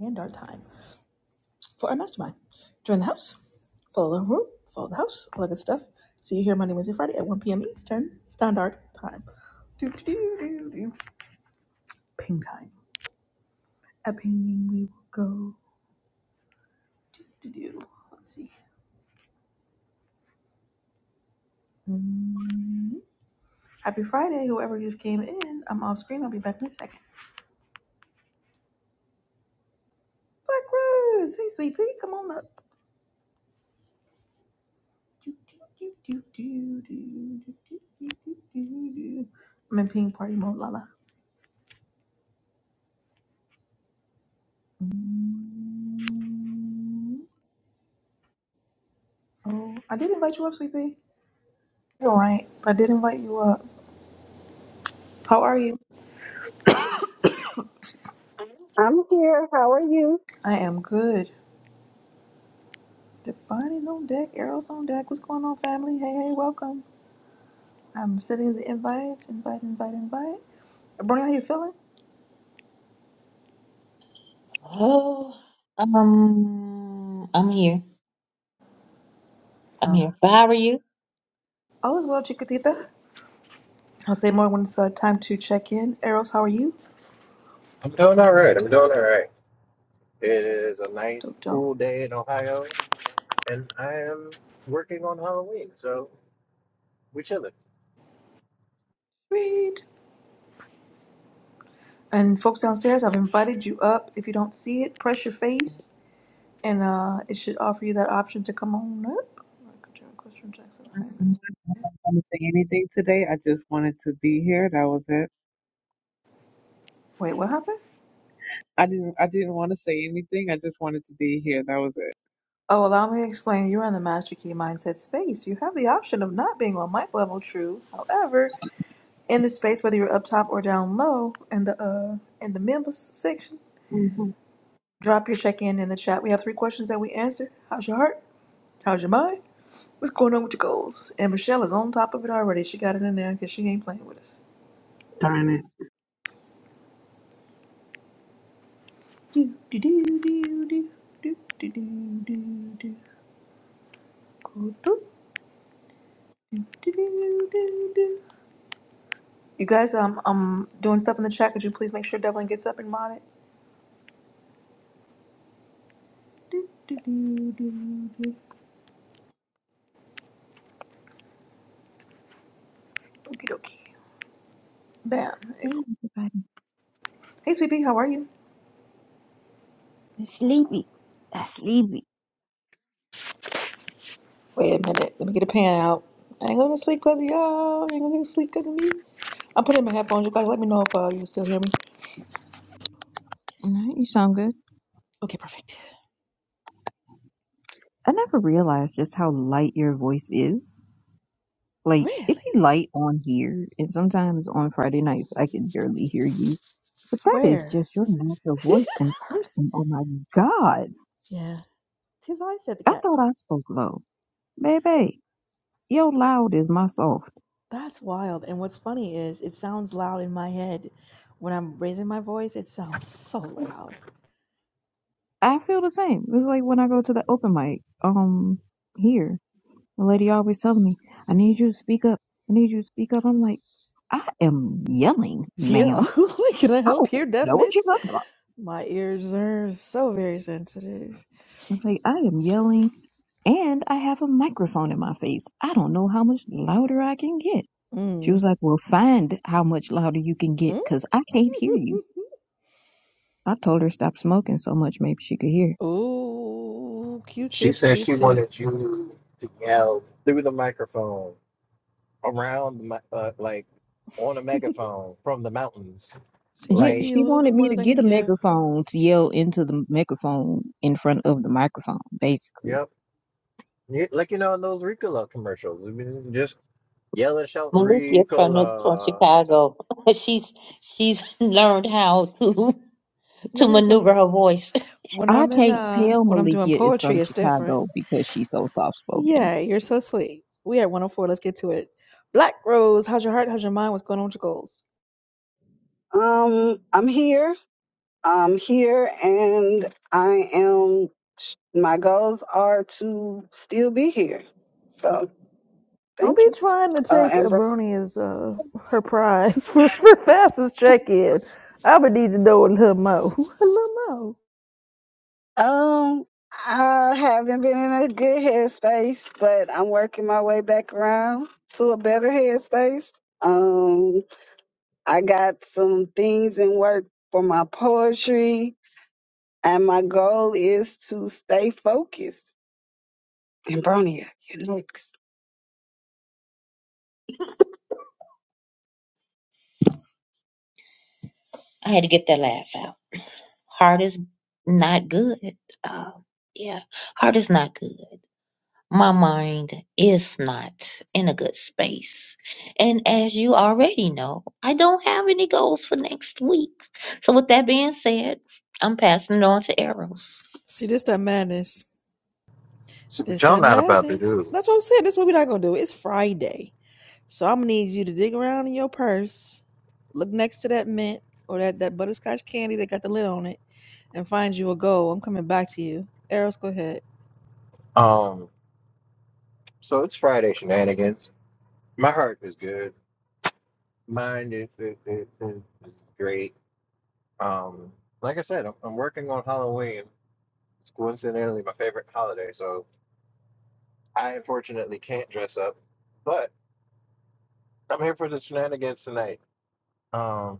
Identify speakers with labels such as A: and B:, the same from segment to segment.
A: and our time for our mastermind. Join the house, follow the room, follow the house, all that good stuff. See you here Monday, Wednesday, Friday at 1 p.m. Eastern Standard Time. Do, do, do, do, do. Ping time. At pinging we will go. Do, do, do. Let's see. Mm. Happy Friday, whoever just came in. I'm off screen. I'll be back in a second. Black Rose, hey sweet pea, come on up. Do, do, do, do, do, do, do, do, do, do, do. I'm in ping party mode, Lala. Oh, I did invite you up, sweetie. You're right. I did invite you up. How are you?
B: I'm here. How are you?
A: I am good. Defining on deck, arrows on deck. What's going on, family? Hey, hey, welcome. I'm sending the invites. Invite, invite, invite. Brony, how you feeling?
C: Oh, um, I'm here. I'm
A: Um,
C: here. But how are you?
A: all is well, Chiquitita. I'll say more when it's uh, time to check in. Arrows, how are you?
D: I'm doing all right. I'm doing all right. It is a nice,
A: Dope, dope.
D: cool day in Ohio, and I am working on Halloween, so we chilling.
A: Read. And folks downstairs, I've invited you up. If you don't see it, press your face. And uh, it should offer you that option to come on up.
E: I'm not going to say anything today. I just wanted to be here. That was it.
A: Wait, what happened?
E: I didn't. I didn't want to say anything. I just wanted to be here. That was it.
A: Oh, allow me to explain. You're in the Master Key Mindset space. You have the option of not being on mic level true. However, in the space, whether you're up top or down low, in the uh, in the members section,
E: Mhm.
A: drop your check in in the chat. We have three questions that we answer. How's your heart? How's your mind? What's going on with your goals? And Michelle is on top of it already. She got it in there because she ain't playing with us.
E: Darn it.
A: Do do do do do do do do do. do. Go through. You guys, um, I'm doing stuff in the chat. Could you please make sure Devlin gets up and mod it? Do, do, do, do, do. Okie dokie. Bam. There you
F: Hey,
A: go.
F: everybody.
A: Hey, sweetie, how are you?
F: It's Sleepy. i sleepy.
A: Wait a minute. Let me get a pan out. I ain't going to sleep because of y'all. I ain't going to sleep because of me. I'm putting in my headphones. You guys, let me know if uh, you can still hear me.
F: No, you sound good.
A: Okay, perfect.
F: I never realized just how light your voice is. Like, it
A: Really?
F: be light on here, and sometimes on Friday nights I can barely hear you. But that is
A: Swear.
F: just your natural voice in person. Oh my god.
A: Yeah. Tis I said the
F: I
A: cat.
F: thought I spoke low. Baby, your loud is my soft.
A: That's wild. And what's funny is it sounds loud in my head. When I'm raising my voice, it sounds so loud.
F: I feel the same. It's like when I go to the open mic, um, here. The lady always telling me, I need you to speak up. I need you to speak up. I'm like, I am yelling,
A: Yeah.
F: ma'am.
A: Can I
F: I
A: help
F: don't
A: here,
F: know what you're
A: deafness?
F: talking about.
A: My ears are so very sensitive.
F: It's like, I am yelling and I have a microphone in my face. I don't know how much louder I can get. She
A: Mm.
F: was like, Well, find how much louder you can get
A: Mm.
F: because I can't hear you. I told her stop smoking so much, maybe she could hear.
A: mm. Ooh,
D: She
A: Q-tips,
D: said she wanted
A: Q-tips.
D: you to yell through the microphone, around the, mi- uh, like on a megaphone from the mountains,
A: So
F: Yeah,
A: you
D: like
A: need a
F: she
A: little bit
F: wanted me
A: more
F: to
A: than I
F: get
A: can
F: a
A: give.
F: megaphone to yell into the megaphone in front of the microphone, basically.
D: yep, Y- like you know in those Ricola commercials. I mean, just yell and shout
C: Malikia from New- from
D: Ricola.
C: Chicago. she's she's learned how to
A: I
C: to
A: mean, when
C: maneuver her voice.
A: when
F: I
A: I'm in
F: can't
A: uh
F: tell
A: when I'm doing
F: Malikia is from
A: poetry, it's different.
F: Chicago because she's so soft spoken.
A: Yeah, you're so sweet. We at 104. Let's get to it. Black Rose, how's your heart? How's your mind? What's going on with your goals?
B: Um, I'm here. I'm here, and I am. My goals are to still be here. So
A: Don't
B: thank
A: be
B: you,
A: trying to
B: uh,
A: take a
B: Amber.
A: brony as uh, her prize for, for fastest check in. I would need to know a little more. A little more.
B: Um, I haven't been in a good headspace, but I'm working my way back around to a better headspace. Um, I got some things in work for my poetry, and my goal is to stay focused. Ambronia, you're next.
C: I had to get that laugh out. Heart is not good. Uh, yeah, heart is not good. My mind is not in a good space. And as you already know, I don't have any goals for next week. So with that being said, I'm passing it on to Arrows.
A: See, this that madness.
D: See what
A: This
D: y'all
A: that
D: not about to
A: madness.
D: do.
A: That's what I'm saying. This is what we're not gonna do. It's Friday, so I'm gonna need you to dig around in your purse, look next to that mint or that that butterscotch candy that got the lid on it, and find you a goal. I'm coming back to you. Eros, go ahead.
D: Um, so it's Friday shenanigans. My heart is good. Mine is is, is, is is great. Um, like I said, I'm, I'm working on Halloween. It's coincidentally my favorite holiday, so I unfortunately can't dress up. But I'm here for the shenanigans tonight. Um,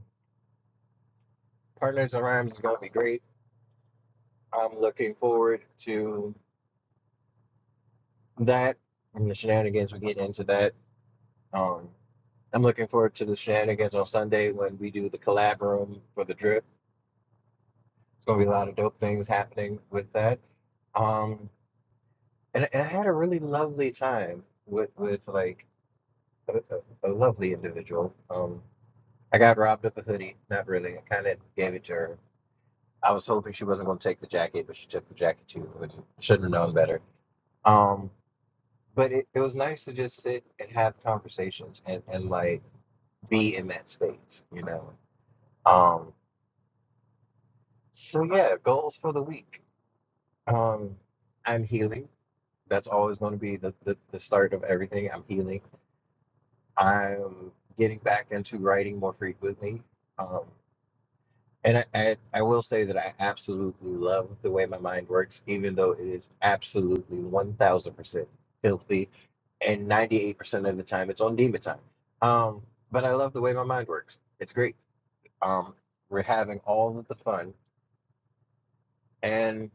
D: Partners in Rhymes is going to be great. I'm looking forward to that and the shenanigans. We get into that. Um, I'm looking forward to the shenanigans on Sunday when we do the collab room for the drip. It's going to be a lot of dope things happening with that. Um, and, and I had a really lovely time with with like a, a, a lovely individual. Um, I got robbed of a hoodie. Not really. I kind of gave it to her. I was hoping she wasn't going to take the jacket, but she took the jacket too. Which shouldn't have known better. Um, but it, it was nice to just sit and have conversations and and like be in that space, you know. Um, so yeah, goals for the week. Um, I'm healing. That's always going to be the, the the start of everything. I'm healing I'm getting back into writing more frequently. Um, and I, I, I will say that I absolutely love the way my mind works, even though it is absolutely 1000% filthy. And 98% of the time, it's on demon time. Um, but I love the way my mind works. It's great. Um, we're having all of the fun. And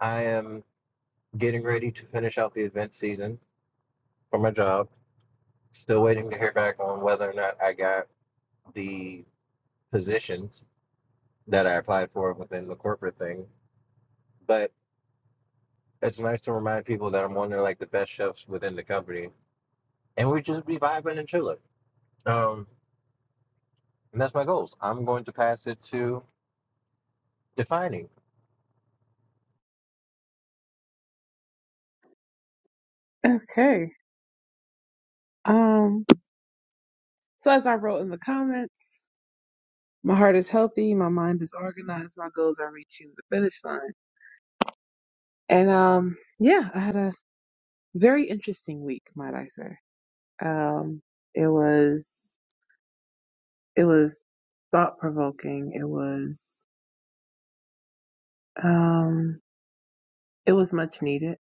D: I am getting ready to finish out the event season for my job. Still waiting to hear back on whether or not I got the positions that I applied for within the corporate thing. But it's nice to remind people that I'm one of like the best chefs within the company, and we just be vibing and chilling. Um, and that's my goals. I'm going to pass it to defining.
E: Okay. Um. So as I wrote in the comments, my heart is healthy. My mind is organized. My goals are reaching the finish line. And um. Yeah, I had a very interesting week, might I say. Um. It was. It was thought provoking. It was. Um. It was much needed.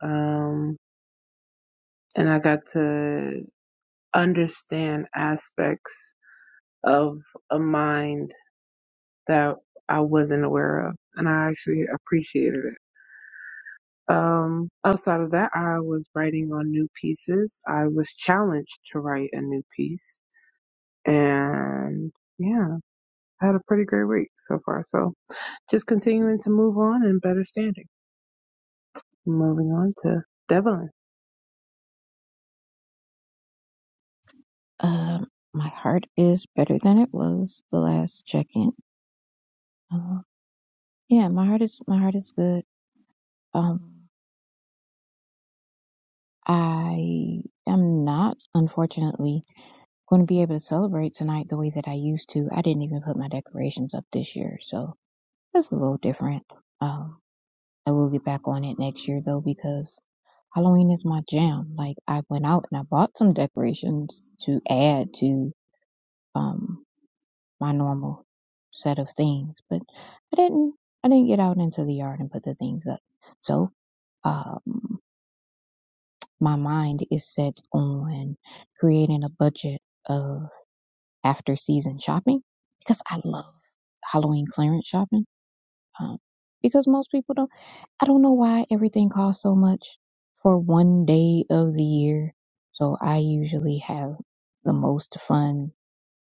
E: Um and I got to understand aspects of a mind that I wasn't aware of, and I actually appreciated it. Um, outside of that, I was writing on new pieces. I was challenged to write a new piece, and yeah, I had a pretty great week so far. So just continuing to move on and better standing. Moving on to Devlin.
F: Um, my heart is better than it was the last check-in. Um, yeah, my heart is my heart is good. Um, I am not, unfortunately, going to be able to celebrate tonight the way that I used to. I didn't even put my decorations up this year, so It's a little different. Um, I will get back on it next year though because Halloween is my jam. Like I went out and I bought some decorations to add to um my normal set of things, but I didn't. I didn't get out into the yard and put the things up. So um, my mind is set on creating a budget of after season shopping because I love Halloween clearance shopping Um, because most people don't, I don't know why everything costs so much for one day of the year. So I usually have the most fun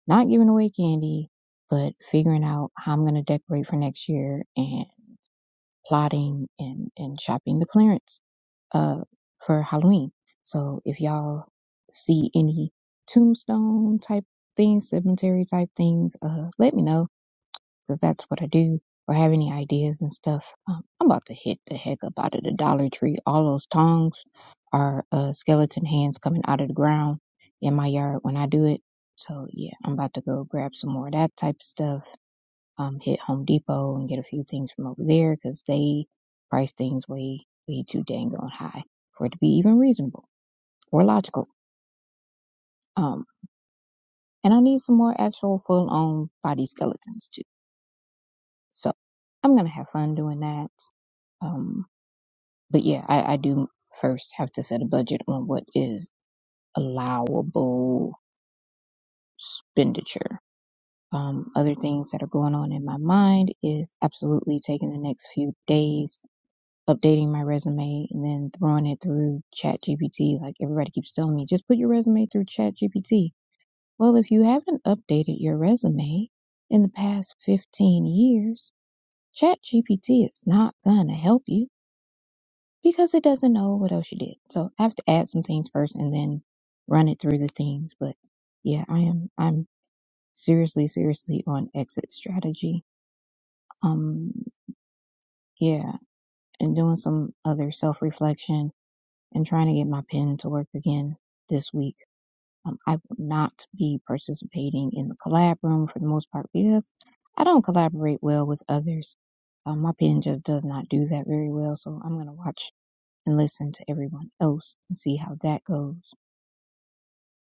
F: not giving away candy, but figuring out how I'm going to decorate for next year and plotting and, and shopping the clearance, uh, for Halloween. So if y'all see any tombstone type things, cemetery type things, uh, let me know because that's what I do, or have any ideas and stuff, um, I'm about to hit the heck up out of the Dollar Tree. All those tongs are uh, skeleton hands coming out of the ground in my yard when I do it. So yeah, I'm about to go grab some more of that type of stuff. Um, hit Home Depot and get a few things from over there because they price things way, way too dang on high for it to be even reasonable or logical. Um, and I need some more actual full on body skeletons too. So I'm gonna have fun doing that. Um, But yeah, I, I do first have to set a budget on what is allowable expenditure. Um, other things that are going on in my mind is absolutely taking the next few days, updating my resume, and then throwing it through ChatGPT. Like everybody keeps telling me, just put your resume through ChatGPT. Well, if you haven't updated your resume in the past 15 years, ChatGPT is not going to help you because it doesn't know what else you did. So I have to add some things first and then run it through the things. But yeah, I am I'm seriously, seriously on exit strategy. Um yeah, and doing some other self reflection and trying to get my pen to work again this week. Um, I will not be participating in the collab room for the most part because I don't collaborate well with others. Um, my pen just does not do that very well, so I'm gonna watch and listen to everyone else and see how that goes.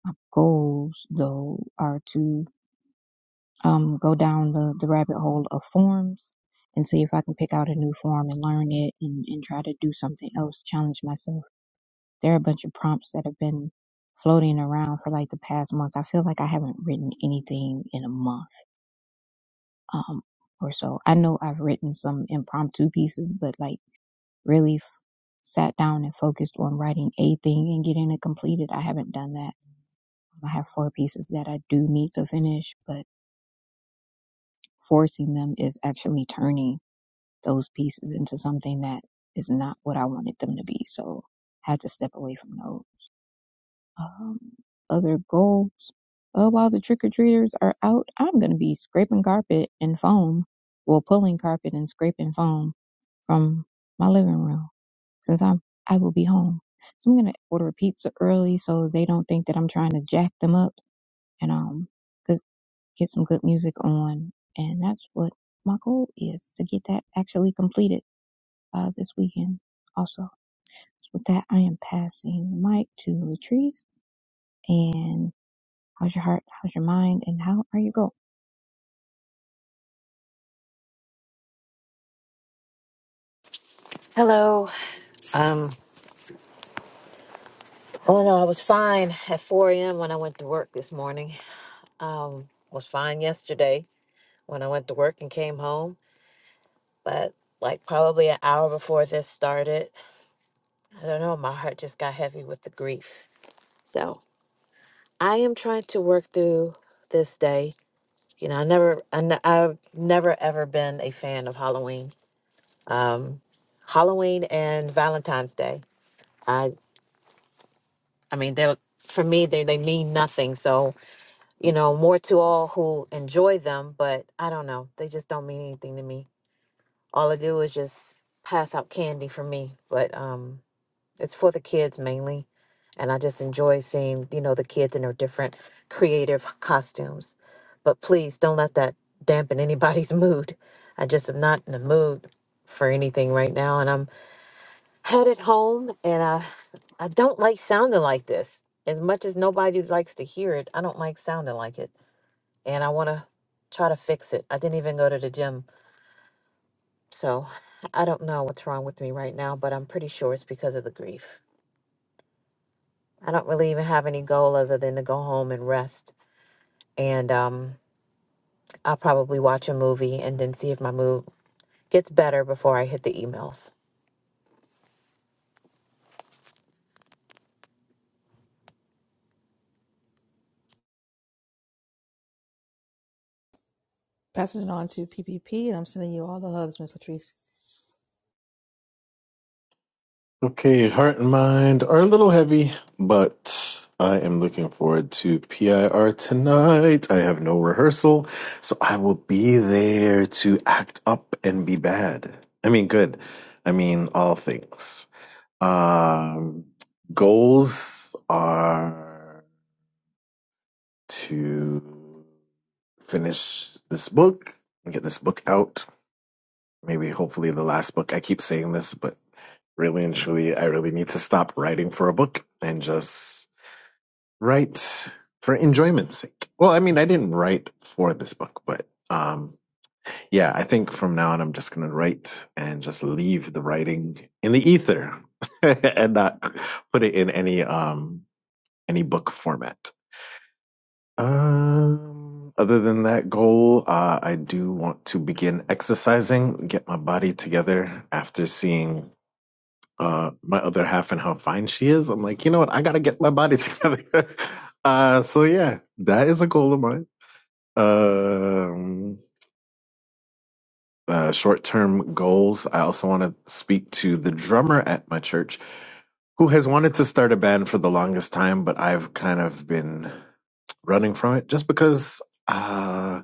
F: My goals though are to um go down the, the rabbit hole of forms and see if I can pick out a new form and learn it and, and try to do something else, challenge myself. There are a bunch of prompts that have been floating around for like the past month. I feel like I haven't written anything in a month um or so. I know I've written some impromptu pieces, but like really f- sat down and focused on writing a thing and getting it completed. I haven't done that. I have four pieces that I do need to finish, but forcing them is actually turning those pieces into something that is not what I wanted them to be. So I had to step away from those. Um, other goals. Uh, while the trick or treaters are out, I'm going to be scraping carpet and foam, well, pulling carpet and scraping foam from my living room since I'm I will be home. So I'm gonna order a pizza early so they don't think that I'm trying to jack them up. And um, because get some good music on. And that's what my goal is to get that actually completed uh, this weekend also. So with that, I am passing the mic to Latrice. And how's your heart? How's your mind? And how are you going?
G: Hello. Um. Oh no, I was fine at 4 a.m. when I went to work this morning. Um, was fine yesterday when I went to work and came home, but like probably an hour before this started, I don't know. My heart just got heavy with the grief. So I am trying to work through this day. You know, I never, I ne- I've never ever been a fan of Halloween. Um, Halloween and Valentine's Day. I, I mean, they're for me they they mean nothing. So you know, more to all who enjoy them, but I don't know. They just don't mean anything to me. All I do is just pass out candy for me, but um it's for the kids mainly. And I just enjoy seeing, you know, the kids in their different creative costumes. But please don't let that dampen anybody's mood. I just am not in the mood for anything right now and I'm headed home and I I don't like sounding like this. As much as nobody likes to hear it, I don't like sounding like it and I want to try to fix it. I didn't even go to the gym. So I don't know what's wrong with me right now, but I'm pretty sure it's because of the grief. I don't really even have any goal other than to go home and rest. And um, I'll probably watch a movie and then see if my mood gets better before I hit the emails.
A: Passing it on to PPP, and I'm sending you all the hugs, Miss Latrice.
H: Okay, heart and mind are a little heavy, but I am looking forward to PIR tonight. I have no rehearsal, so I will be there to act up and be bad. I mean, good. I mean, all things. Um, goals are to finish this book and get this book out. Maybe, hopefully, the last book. I keep saying this, but Really and truly, I really need to stop writing for a book and just write for enjoyment's sake. Well, I mean, I didn't write for this book, but um, yeah, I think from now on, I'm just going to write and just leave the writing in the ether and not put it in any um, any book format. Um, other than that goal, uh, I do want to begin exercising, get my body together after seeing uh my other half and how fine she is i'm like you know what i gotta get my body together uh so yeah that is a goal of mine um uh short-term goals i also want to speak to the drummer at my church who has wanted to start a band for the longest time but i've kind of been running from it just because uh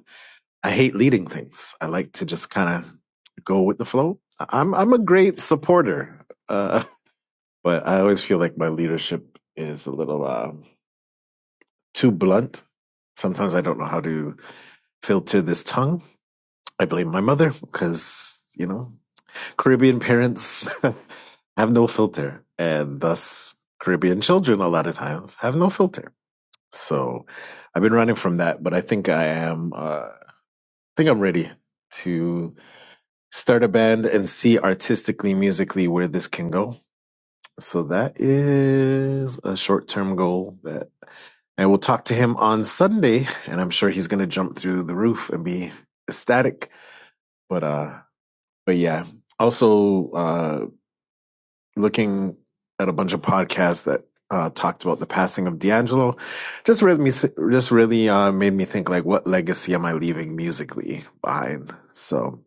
H: i hate leading things i like to just kind of go with the flow I- am i'm a great supporter Uh, but I always feel like my leadership is a little um, too blunt. Sometimes I don't know how to filter this tongue. I blame my mother because, you know, Caribbean parents have no filter, and thus Caribbean children a lot of times have no filter. So I've been running from that, but I think I am, uh, I think I'm ready to start a band and see artistically, musically where this can go. So that is a short term goal that I will talk to him on Sunday, and I'm sure he's gonna jump through the roof and be ecstatic. But uh, but yeah. Also, uh, looking at a bunch of podcasts that uh, talked about the passing of D'Angelo, just really me, just really uh, made me think like, what legacy am I leaving musically behind? So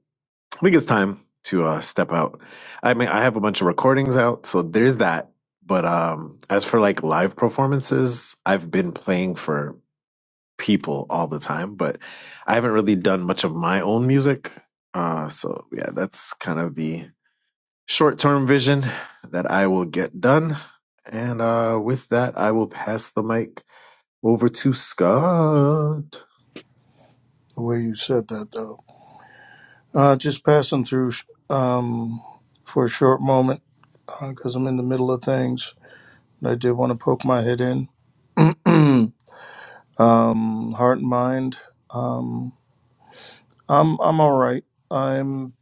H: I think it's time to uh, step out. I mean, I have a bunch of recordings out, so there's that. But um, as for like live performances, I've been playing for people all the time, but I haven't really done much of my own music. Uh, so yeah, that's kind of the short term vision that I will get done. And uh, with that, I will pass the mic over to Scott.
I: the way you said that, though. Uh, just passing through um, for a short moment because I'm in the middle of things. I did want to poke my head in, Um, heart and mind. I'm I'm all right. I'm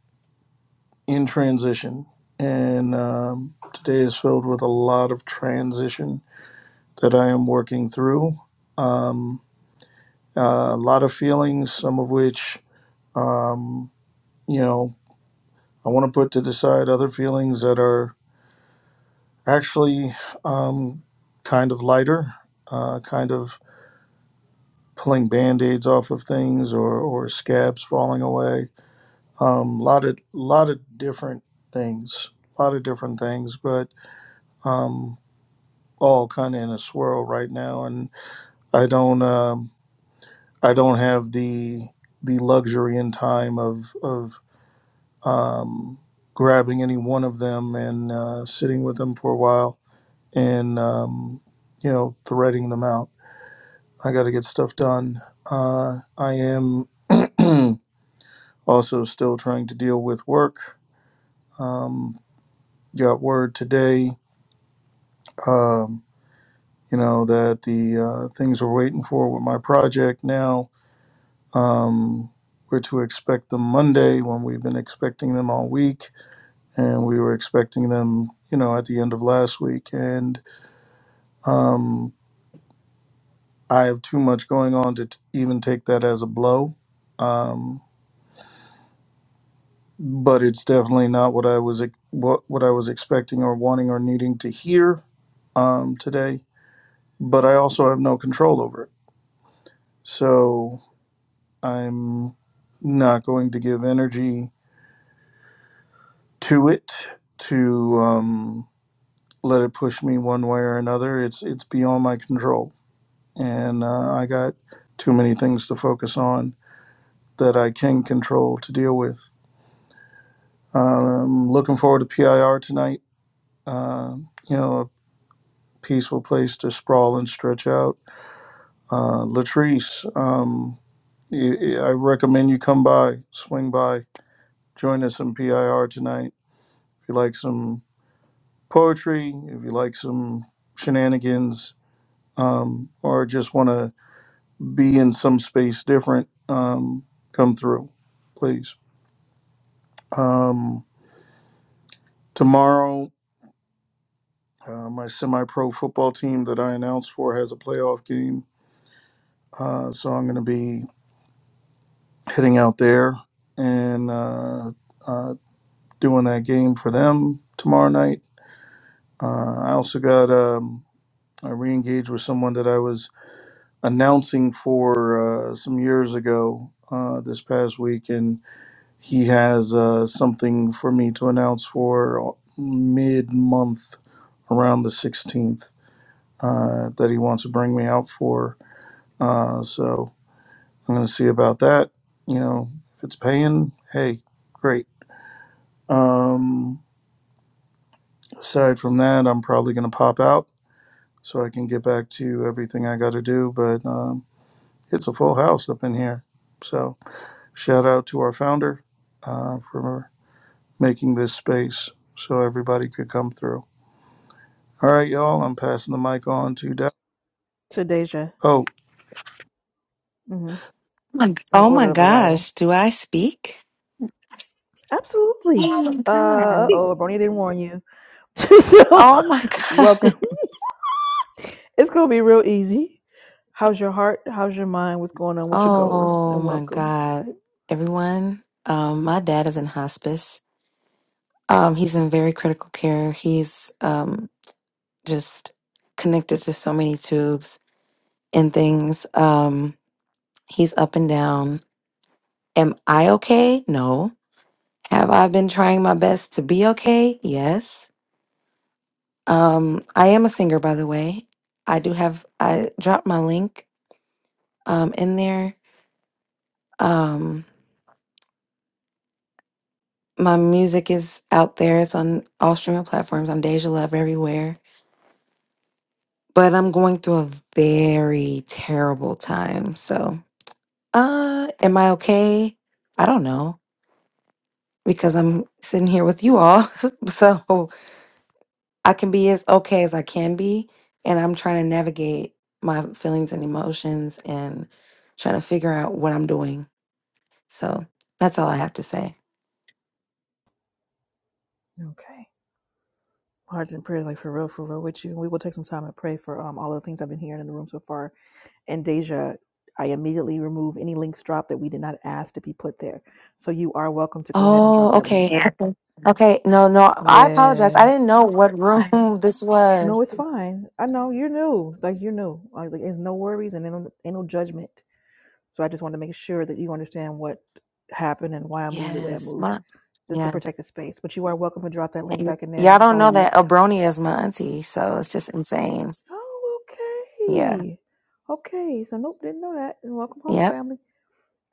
I: in transition, and um, today is filled with a lot of transition that I am working through. Um, uh, a lot of feelings, some of which um, you know I want to put to the side. Other feelings that are actually um, kind of lighter, uh, kind of pulling band-aids off of things or, or scabs falling away. A um, lot of lot of different things, a lot of different things, but um, all kind of in a swirl right now. And I don't um, I don't have the the luxury and time of of um, grabbing any one of them and uh, sitting with them for a while and um, you know threading them out I got to get stuff done. Uh, I am also still trying to deal with work. Um, got word today, um, you know, that the uh, things we're waiting for with my project now, um, we're to expect them Monday when we've been expecting them all week. And we were expecting them, you know, at the end of last week. And um, I have too much going on to t- even take that as a blow. Um, but it's definitely not what I was what what I was expecting or wanting or needing to hear um, today. But I also have no control over it, so I'm not going to give energy to it to um, let it push me one way or another. It's it's beyond my control, and uh, I got too many things to focus on that I can control to deal with. Um, looking forward to PIR tonight. Uh, you know, peaceful place to sprawl and stretch out. Uh, Latrice, um, y- I recommend you come by, swing by, join us in PIR tonight. If you like some poetry, if you like some shenanigans, um, or just want to be in some space different, um, come through, please. Um, tomorrow, uh, my semi pro football team that I announced for has a playoff game. Uh, so I'm going to be hitting out there and uh, uh, doing that game for them tomorrow night. Uh, I also got um, I re-engaged with someone that I was announcing for uh, some years ago uh, this past week, and he has uh, something for me to announce for mid-month around the 16th uh, that he wants to bring me out for. Uh, so I'm going to see about that. You know, if it's paying, hey, great Um, aside from that, I'm probably going to pop out so I can get back to everything I got to do. But um, it's a full house up in here. So shout out to our founder uh, for making this space so everybody could come through. All right, y'all. I'm passing the mic on to Dow.
A: To Deja,
I: Oh,
A: hmm
J: my-
A: in
J: Oh my
A: order of arrival.
J: gosh, do I speak? Oh
A: Absolutely.
J: my
A: Uh
J: god.
C: Okay.
A: oh, Bronya didn't warn you. so,
J: Oh my
A: welcome.
J: god.
A: It's gonna be real easy. How's your heart? How's your mind? What's going on with your goals?
J: Oh
A: And
J: my
A: welcome.
J: god. Everyone, um my dad is in hospice. Um he's in very critical care. He's um just connected to so many tubes and things. Um he's up and down. Am I okay? No. Have I been trying my best to be okay? Yes. Um I am a singer by the way. I do have I dropped my link um, in there. Um, my music is out there. It's on all streaming platforms. I'm Deja Love everywhere. But I'm going through a very terrible time. So, uh, am I okay? I don't know because I'm sitting here with you all. so I can be as okay as I can be. And I'm trying to navigate my feelings and emotions and trying to figure out what I'm doing. So that's all I have to say.
A: Okay. Hearts and prayers, like for real, for real with you. we will take some time and pray for um all of the things I've been hearing in the room so far And Deja, I immediately remove any links dropped that we did not ask to be put there. So you are welcome to go ahead and drop
J: Oh,
A: that link
J: okay.
A: back.
J: Okay, no, no. I apologize. I
A: Yeah.
J: didn't know what
A: Ugh.
J: room this
A: No,
J: was.
A: it's fine. I know you're new. Like you're new. Like there's no worries and ain't no, ain't no judgment. So I just want to make sure that you understand what happened and why I moved the way I
J: Yes,
A: moved,
J: my
A: just to protect
J: yes.
A: the space. But you are welcome to drop that link
J: And
A: back in there, and
J: y'all
A: we'll
J: don't
A: follow
J: know
A: you.
J: that Abronia
A: Eh,
J: is my auntie, so it's just insane.
A: Oh,
J: Yeah.
A: okay. Okay. So nope, didn't know that. And welcome home,
J: Yep.
A: family.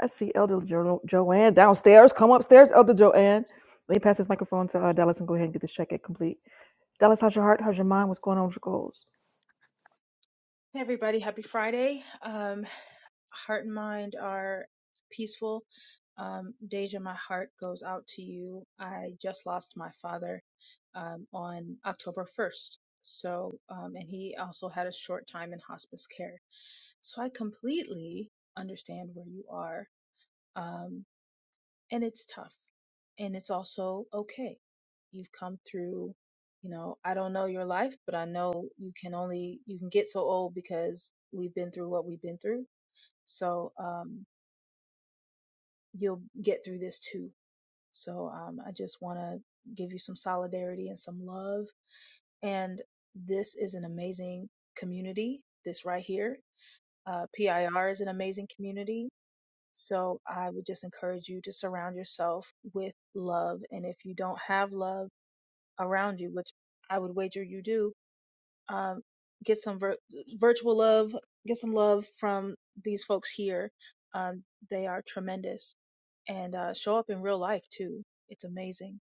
A: I see Elder jo- Joanne downstairs. Come upstairs, Elder Joanne. Let me pass this microphone to uh, Dallas and go ahead and get this check-in complete. Dallas, how's your heart? How's your mind? What's going on with your goals?
K: Hey everybody, happy Friday. Um, heart and mind are peaceful. Um, Deja, my heart goes out to you. I just lost my father um, on October 1st. So, um, and he also had a short time in hospice care. So I completely understand where you are. Um, and it's tough and it's also okay. You've come through, you know, I don't know your life, but I know you can only you can get so old because we've been through what we've been through. So um you'll get through this too. So um I just want to give you some solidarity and some love and this is an amazing community. This right here, uh PIR is an amazing community So I would just encourage you to surround yourself with love. And if you don't have love around you, which I would wager you do, um, get some vir- virtual love, get some love from these folks here. Um, they are tremendous and uh, show up in real life too. It's amazing.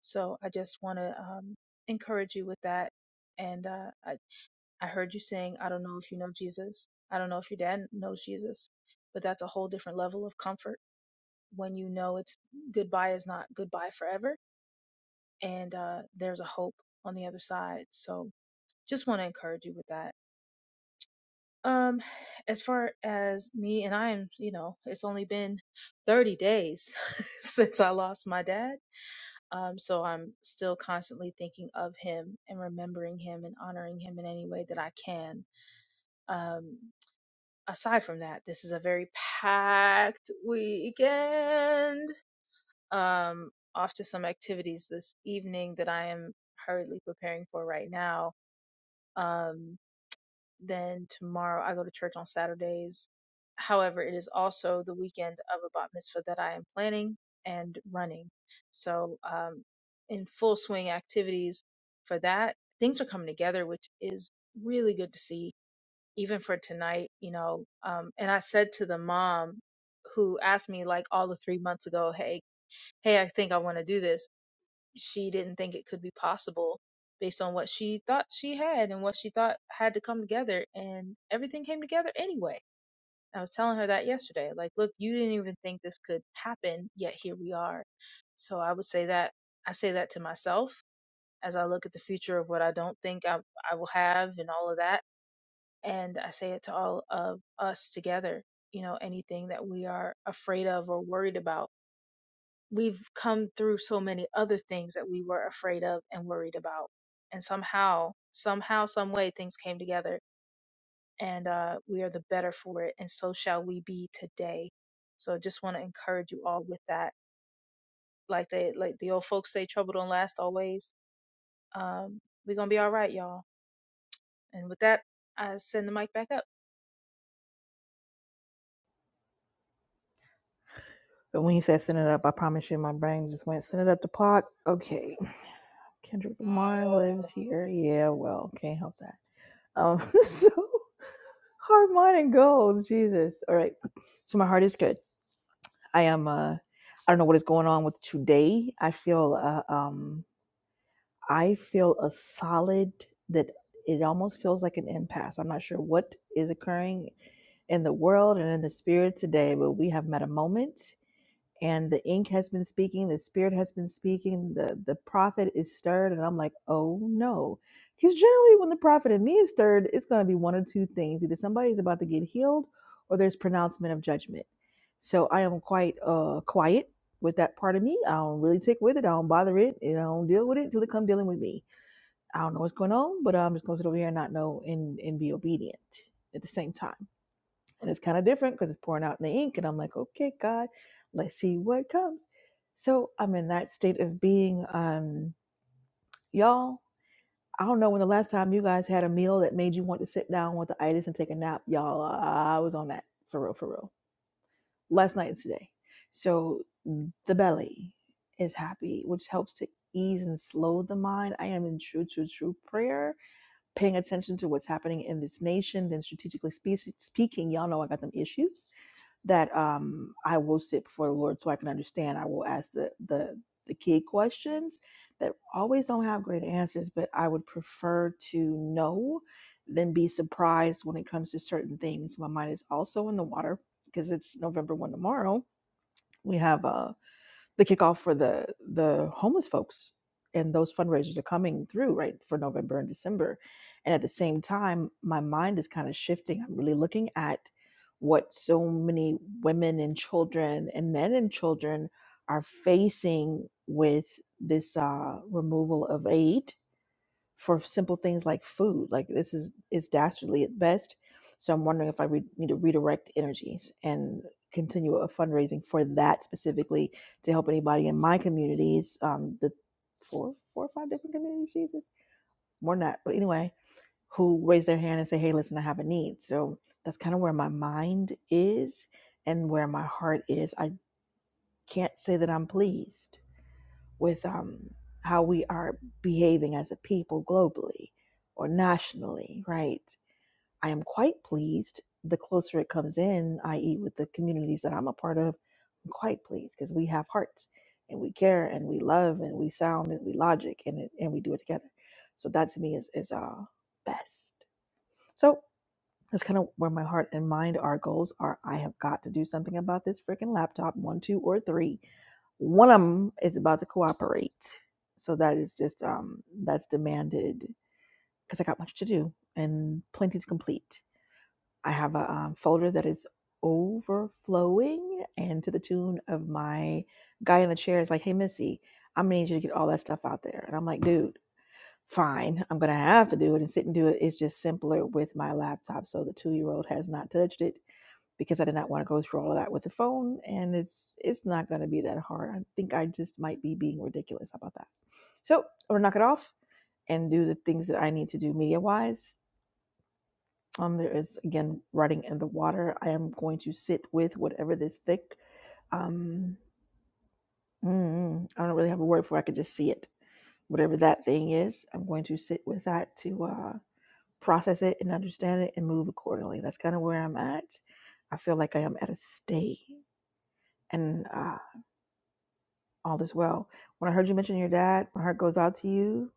K: So I just want to um, encourage you with that. And uh, I, I heard you saying, I don't know if you know Jesus. I don't know if your dad knows Jesus, but that's a whole different level of comfort when you know it's goodbye is not goodbye forever and uh, there's a hope on the other side. So just want to encourage you with that. Um, as far as me and I am, you know, it's only been 30 days since I lost my dad. Um, so I'm still constantly thinking of him and remembering him and honoring him in any way that I can. Um, aside from that, this is a very packed weekend um, off to some activities this evening that I am hurriedly preparing for right now. Um, then tomorrow I go to church on Saturdays. However, it is also the weekend of a bat mitzvah that I am planning and running. So, um, in full swing activities for that. Things are coming together, which is really good to see, even for tonight, you know. Um, and I said to the mom who asked me like all of three months ago, Hey, hey, I think I want to do this she didn't think it could be possible based on what she thought she had and what she thought had to come together and everything came together anyway. I was telling her that yesterday. Like, look, you didn't even think this could happen, yet here we are. So I would say that I say that to myself as I look at the future of what I don't think I, I will have and all of that. And I say it to all of us together, you know, anything that we are afraid of or worried about we've come through so many other things that we were afraid of and worried about. And somehow, somehow, some way things came together and uh, we are the better for it. And so shall we be today. So I just want to encourage you all with that. Like they, like the old folks say, trouble don't last always. Um, we're going to be all right, y'all. And with that, I send the mic back up.
A: But when you said send it up, I promise you, my brain just went send it up to Pac. Okay, Kendrick Lamar lives
K: Oh,
A: here. Yeah, well, can't help that. Um, so hard mind and goals. Jesus. All right. So my heart is good. I am. Uh, I don't know what is going on with today. I feel. Uh, um, I feel a solid that it almost feels like an impasse. I'm not sure what is occurring in the world and in the spirit today, but we have met a moment and the ink has been speaking the spirit has been speaking the the prophet is stirred and i'm like oh no because generally when the prophet in me is stirred it's going to be one of two things either somebody's about to get healed or there's pronouncement of judgment so i am quite uh quiet with that part of me i don't really tick with it i don't bother it and i don't deal with it until it come dealing with me i don't know what's going on but i'm just going to sit over here and not know and and be obedient at the same time and it's kind of different because it's pouring out in the ink and i'm like okay god let's see what comes so i'm in that state of being um y'all i don't know when the last time you guys had a meal that made you want to sit down with the itis and take a nap y'all i was on that for real for real last night and today so the belly is happy which helps to ease and slow the mind i am in true true true prayer paying attention to what's happening in this nation, then strategically spe- speaking, y'all know I got them issues that um, I will sit before the Lord so I can understand. I will ask the the the key questions that always don't have great answers, but I would prefer to know than be surprised when it comes to certain things. My mind is also in the water because it's November one tomorrow. We have a the kickoff for the the homeless folks and those fundraisers are coming through right for november and december and at the same time my mind is kind of shifting i'm really looking at what so many women and children and men and children are facing with this uh, removal of aid for simple things like food. Like this is is dastardly at best. So I'm wondering if I re- need to redirect energies and continue a fundraising for that specifically to help anybody in my communities, um, the four four or five different communities, Jesus, more than that. But anyway, who raise their hand and say, "Hey, listen, I have a need." So that's kind of where my mind is and where my heart is. I can't say that I'm pleased with um, how we are behaving as a people globally or nationally, right? I am quite pleased the closer it comes in, i.e., with the communities that I'm a part of, I'm quite pleased because we have hearts and we care and we love and we sound and we logic and it, and we do it together. So that to me is is uh best. So. That's kind of where my heart and mind are goals are. I have got to do something about this freaking laptop, one, two, or three. One of them is about to cooperate. So that is just um that's demanded because I got much to do and plenty to complete. I have a um, folder that is overflowing and to the tune of my guy in the chair is like, hey Missy, I'm gonna need you to get all that stuff out there. And I'm like, dude fine, I'm going to have to do it and sit and do it. It's just simpler with my laptop. So the two year old has not touched it because I did not want to go through all of that with the phone. And it's it's not going to be that hard. I think I just might be being ridiculous. about that? So I'm going to knock it off and do the things that I need to do media wise. Um, there is again writing in the water. I am going to sit with whatever this thick. Um, mm, I don't really have a word for. It. I could just see it. Whatever that thing is, I'm going to sit with that to. Uh, process it and understand it and move accordingly. That's kind of where I'm at. I feel like I am at a state and uh, all is well. When I heard you mention your dad, my heart goes out to you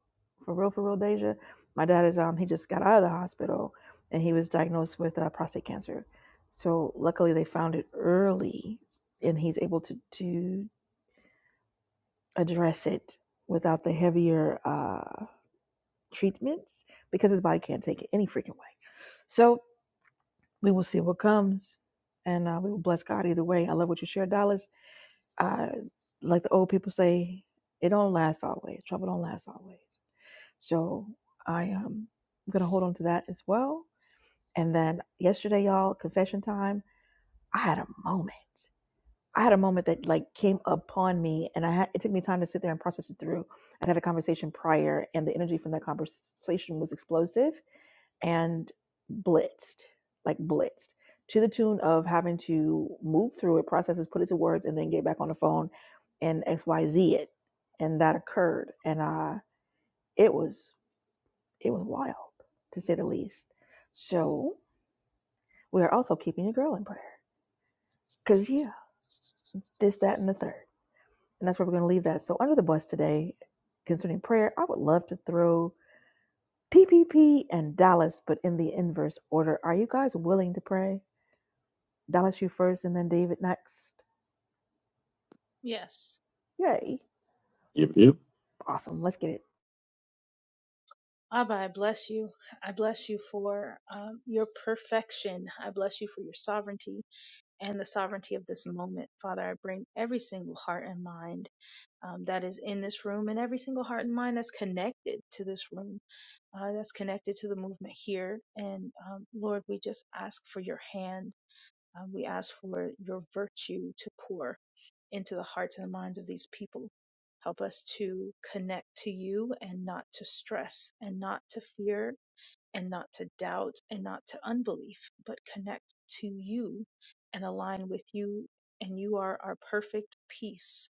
A: for real, for real, Deja. My dad is, um, he just got out of the hospital and he was diagnosed with uh, prostate cancer. So luckily they found it early and he's able to, to address it without the heavier uh, treatments because his body can't take it any freaking way. So we will see what comes and uh, we will bless God either way. I love what you shared, Dallas. Uh, like the old people say, it don't last always. Trouble don't last always. So I am going to hold on to that as well. And then yesterday, y'all, confession time, I had a moment. I had a moment that like came upon me and I had, it took me time to sit there and process it through. I'd had a conversation prior and the energy from that conversation was explosive and blitzed, like blitzed, to the tune of having to move through it, process it, put it to words, and then get back on the phone and X Y Z it. And that occurred, and uh, it was it was wild to say the least. So we are also keeping your girl in prayer, cause yeah, this, that, and the third, and that's where we're going to leave that. So under the bus today, concerning prayer, I would love to throw PPP and Dallas, but in the inverse order. Are you guys willing to pray? Dallas, you first, and then David next.
K: Yes.
A: Yay.
H: Yep, yep.
A: Awesome. Let's get it.
K: Abba, I bless you. I bless you for um, your perfection. I bless you for your sovereignty. and the sovereignty of this moment. Father, I bring every single heart and mind um, that is in this room and every single heart and mind that's connected to this room, uh, that's connected to the movement here. And um, Lord, we just ask for your hand. Um, we ask for your virtue to pour into the hearts and the minds of these people. Help us to connect to you and not to stress and not to fear and not to doubt and not to unbelief, but connect to you and align with you. And you are our perfect peace.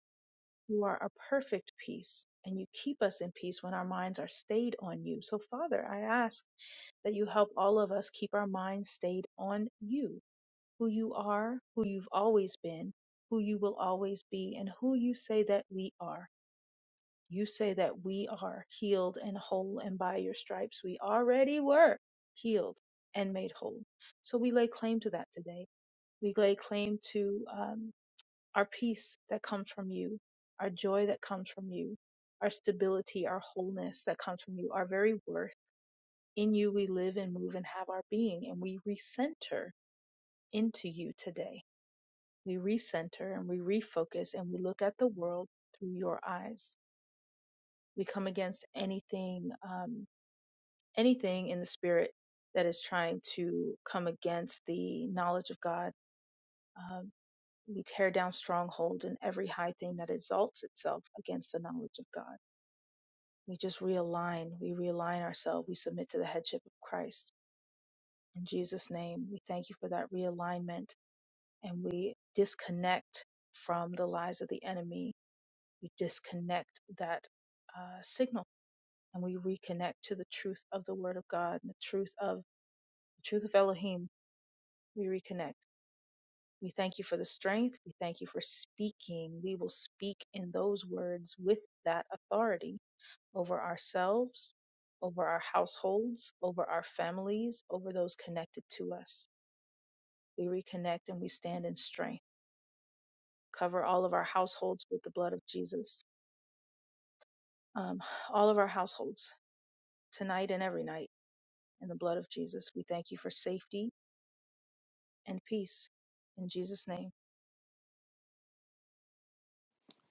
K: You are our perfect peace. And you keep us in peace when our minds are stayed on you. So, Father, I ask that you help all of us keep our minds stayed on you, who you are, who you've always been, who you will always be, and who you say that we are. You say that we are healed and whole, and by your stripes we already were healed and made whole. So we lay claim to that today. We lay claim to um, our peace that comes from you, our joy that comes from you, our stability, our wholeness that comes from you, our very worth. In you we live and move and have our being, and we recenter into you today. We recenter and we refocus and we look at the world through your eyes. We come against anything um, anything in the spirit that is trying to come against the knowledge of God. Um, we tear down strongholds and every high thing that exalts itself against the knowledge of God. We just realign. We realign ourselves. We submit to the headship of Christ. In Jesus' name, we thank you for that realignment and we disconnect from the lies of the enemy. We disconnect that uh, signal and we reconnect to the truth of the Word of God and the truth of the truth of Elohim we reconnect. We thank you for the strength. We thank you for speaking. We will speak in those words with that authority over ourselves, over our households, over our families, over those connected to us. We reconnect and we stand in strength. Cover all of our households with the blood of Jesus. Um, all of our households, tonight and every night, in the blood of Jesus. We thank you for safety and peace. In Jesus' name.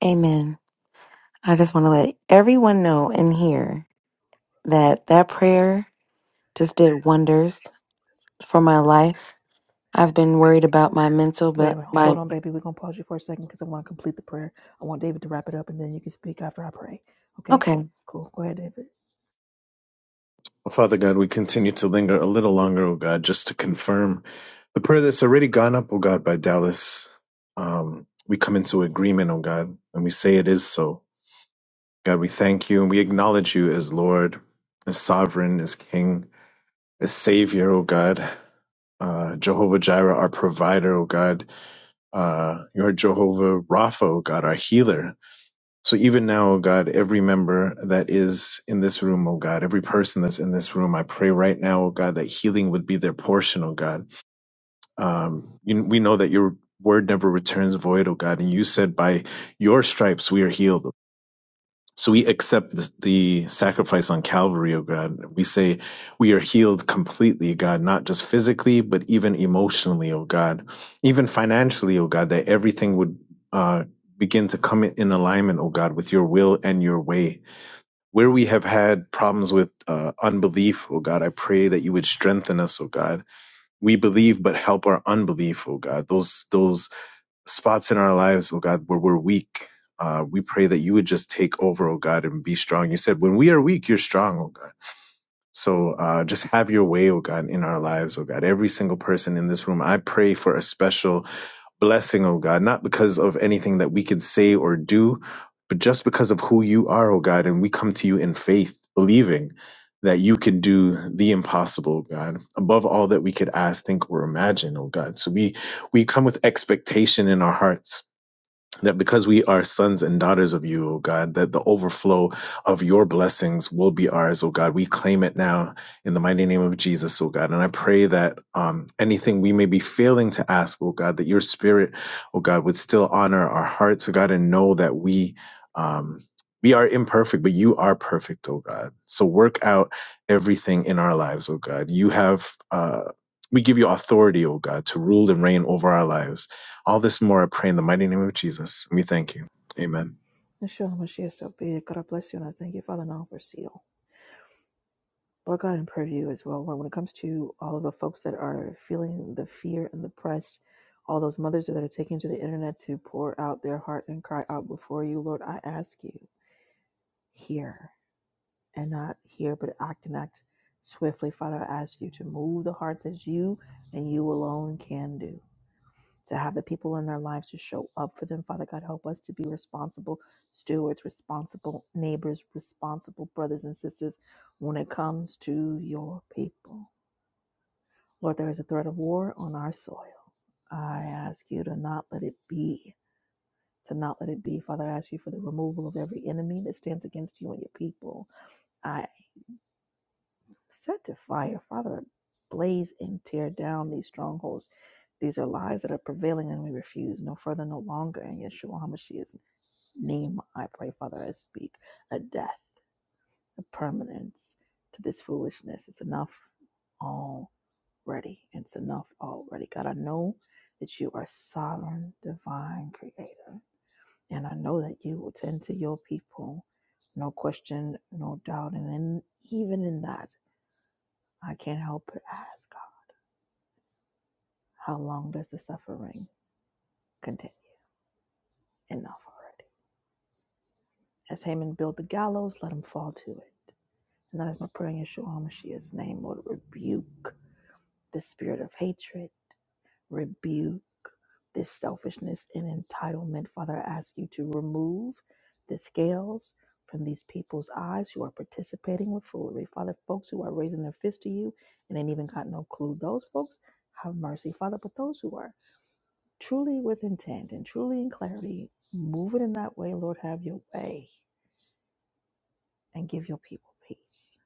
J: Amen. I just want to let everyone know in here that that prayer just did wonders for my life. I've been worried about my mental,
A: Wait a
J: but
A: minute.
J: my
A: Hold on, baby. We're going to pause you for a second because I want to complete the prayer. I want David to wrap it up, and then you can speak after I pray. Okay?
J: okay.
A: Cool. Go ahead, David.
H: Oh, Father God, we continue to linger a little longer, oh God, just to confirm the prayer that's already gone up, oh God, by Dallas. Um, we come into agreement, oh God, and we say it is so. God, we thank you and we acknowledge you as Lord, as sovereign, as King, as Savior, O God. Uh, Jehovah Jireh, our provider, O God. Uh, you're Jehovah Rapha, O God, our healer. So even now, O God, every member that is in this room, O God, every person that's in this room, I pray right now, O God, that healing would be their portion, O God. Um, you, we know that your word never returns void, O God, and you said by your stripes we are healed, so we accept the, the sacrifice on Calvary, oh God. We say we are healed completely, God, not just physically, but even emotionally, oh God, even financially, oh God, that everything would uh, begin to come in alignment, oh God, with your will and your way. Where we have had problems with uh, unbelief, oh God, I pray that you would strengthen us, oh God. We believe, but help our unbelief, oh God. Those those spots in our lives, oh God, where we're weak. Uh, we pray that you would just take over, oh God, and be strong. You said, when we are weak, you're strong, oh God. So uh, just have your way, oh God, in our lives, oh God. Every single person in this room, I pray for a special blessing, oh God, not because of anything that we could say or do, but just because of who you are, oh God. And we come to you in faith, believing that you can do the impossible, oh God, above all that we could ask, think, or imagine, oh God. So we we come with expectation in our hearts that because we are sons and daughters of you, O God, that the overflow of your blessings will be ours, O God. We claim it now in the mighty name of Jesus, O God. And I pray that um, anything we may be failing to ask, O God, that your spirit, O God, would still honor our hearts, O God, and know that we. Um, we are imperfect, but you are perfect, O God. So work out everything in our lives, O God. You have, uh, we give you authority, O God, to rule and reign over our lives. All this and more I pray in the mighty name of Jesus. We thank you. Amen.
A: Michelle Mashiach, so be it. God I bless you, and I thank you, Father, now for seal. Lord God, in pray for as well. Lord, when it comes to all of the folks that are feeling the fear and the press, all those mothers that are taking to the internet to pour out their heart and cry out before you, Lord, I ask you, hear and not hear, but act and act swiftly. Father, I ask you to move the hearts as you and you alone can do. To have the people in their lives to show up for them. Father God, help us to be responsible stewards, responsible neighbors, responsible brothers and sisters when it comes to your people. Lord, there is a threat of war on our soil. I ask you to not let it be, to not let it be. Father, I ask you for the removal of every enemy that stands against you and your people. I set to fire, Father, blaze and tear down these strongholds. These are lies that are prevailing and we refuse no further, no longer. In Yeshua HaMashiach's name, I pray, Father, I speak a death, a permanence to this foolishness. It's enough. all. ready. It's enough already. God, I know that you are sovereign, divine creator. And I know that you will tend to your people. No question, no doubt. And in, even in that, I can't help but ask God, how long does the suffering continue? Enough already. As Haman built the gallows, let him fall to it. And that is my prayer in Yeshua HaMashiach's name, Lord. Rebuke the spirit of hatred, rebuke this selfishness and entitlement. Father, I ask you to remove the scales from these people's eyes who are participating with foolery. Father, folks who are raising their fist to you and ain't even got no clue, those folks have mercy, Father. But those who are truly with intent and truly in clarity, move it in that way, Lord, have your way and give your people peace.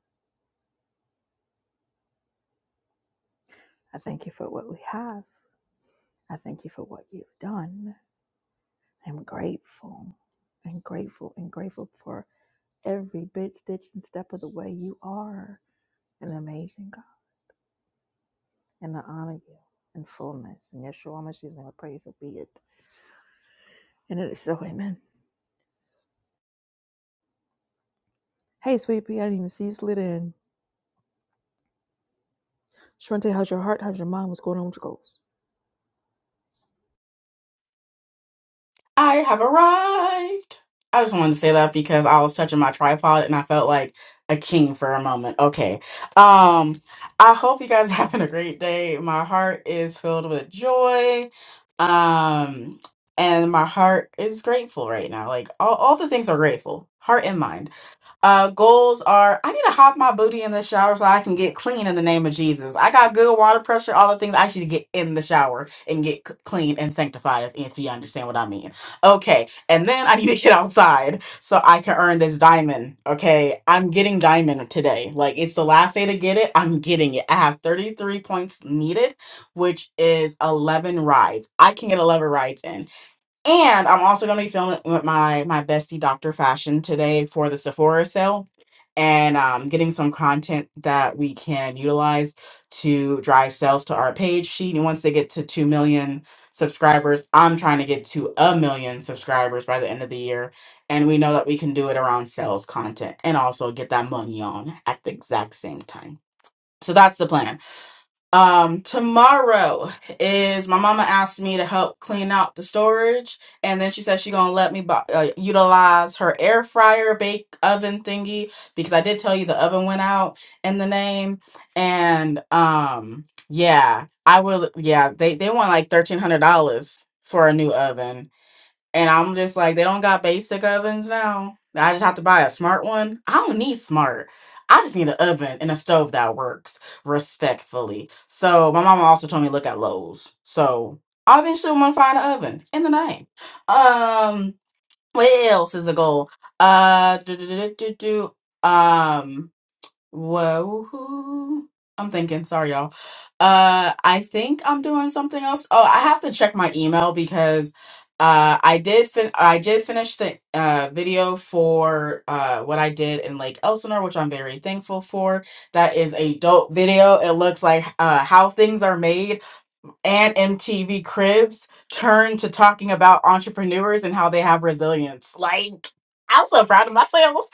A: I thank you for what we have. I thank you for what you've done. I'm grateful and grateful and grateful for every bit, stitch, and step of the way. You are an amazing God, and I honor you in fullness. And Yeshua Mashiach's name, I praise will be it. And it is so, amen. Hey, sweet pea, I didn't even see you slid in. Shrente, how's your heart? How's your mind? What's going on with your goals?
L: I have arrived. I just wanted to say that because I was touching my tripod and I felt like a king for a moment. Okay. Um, I hope you guys are having a great day. My heart is filled with joy. Um, and my heart is grateful right now. Like all, all the things are grateful, heart and mind. Uh, goals are I need to hop my booty in the shower so I can get clean in the name of Jesus. I got good water pressure, all the things I should get in the shower and get c- clean and sanctified, if, if you understand what I mean. Okay, and then I need to get outside so I can earn this diamond. Okay, I'm getting diamond today. Like it's the last day to get it. I'm getting it. I have 33 points needed, which is 11 rides. I can get 11 rides in. And I'm also going to be filming with my my bestie Dr. Fashion today for the Sephora sale and um, getting some content that we can utilize to drive sales to our page. She once they get to 2 million subscribers. I'm trying to get to a million subscribers by the end of the year. And we know that we can do it around sales content and also get that money on at the exact same time. So that's the plan um, tomorrow is my mama asked me to help clean out the storage, and then she said she gonna let me bu uh, utilize her air fryer bake oven thingy because I did tell you the oven went out in the name, and um, yeah, I will. Yeah, they they want like thirteen hundred dollars for a new oven. And I'm just like, they don't got basic ovens now. I just have to buy a smart one. I don't need smart. I just need an oven and a stove that works respectfully. So my mama also told me to look at Lowe's. So I eventually want to find an oven in the night. Um, what else is a goal? Uh, do do do do do. do. Um, Whoa. I'm thinking, sorry y'all. Uh I think I'm doing something else. Oh, I have to check my email because uh I did fin I did finish the uh video for uh what I did in Lake Elsinore, which I'm very thankful for. That is a dope video. It looks like uh how things are made and MTV Cribs turned to talking about entrepreneurs and how they have resilience. Like, I'm so proud of myself.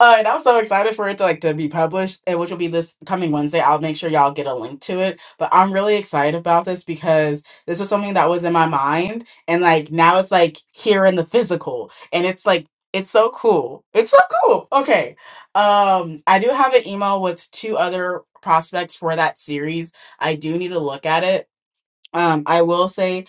L: Uh, and I'm so excited for it to like to be published, and which will be this coming Wednesday. I'll make sure y'all get a link to it. But I'm really excited about this because this was something that was in my mind, and like now it's like here in the physical, and it's like it's so cool. It's so cool. Okay. Um, I do have an email with two other prospects for that series. I do need to look at it um, I will say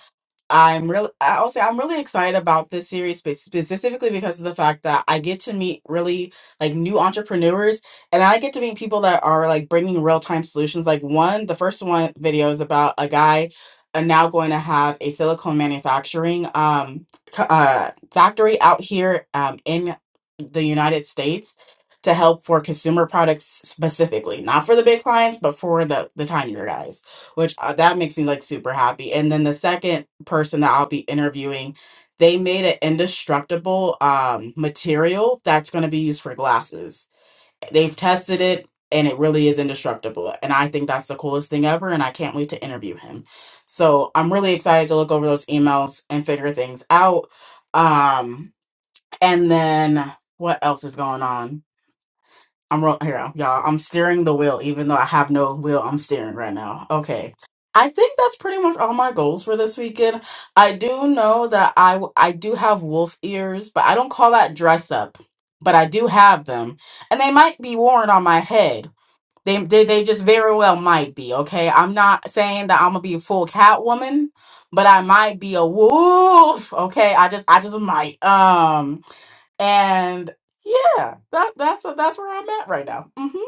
L: I'm really. I'll say I'm really excited about this series spe- specifically because of the fact that I get to meet really like new entrepreneurs, and I get to meet people that are like bringing real time solutions. Like one, the first one video is about a guy uh, now going to have a silicone manufacturing um c- uh, factory out here um in the United States to help for consumer products specifically, not for the big clients, but for the the tinier guys which uh, that makes me like super happy. And then the second person that I'll be interviewing, they made an indestructible um, material that's going to be used for glasses. They've tested it and it really is indestructible. And I think that's the coolest thing ever. And I can't wait to interview him. So I'm really excited to look over those emails and figure things out. Um, and then what else is going on? I'm ro- here, y'all. I'm steering the wheel, even though I have no wheel. I'm steering right now. Okay. I think that's pretty much all my goals for this weekend. I do know that I w- I do have wolf ears, but I don't call that dress up. But I do have them, and they might be worn on my head. They they, they just very well might be. Okay, I'm not saying that I'm gonna be a full cat woman, but I might be a wolf. Okay, I just I just might. Um. And yeah, that that's that's where I'm at right now. hmm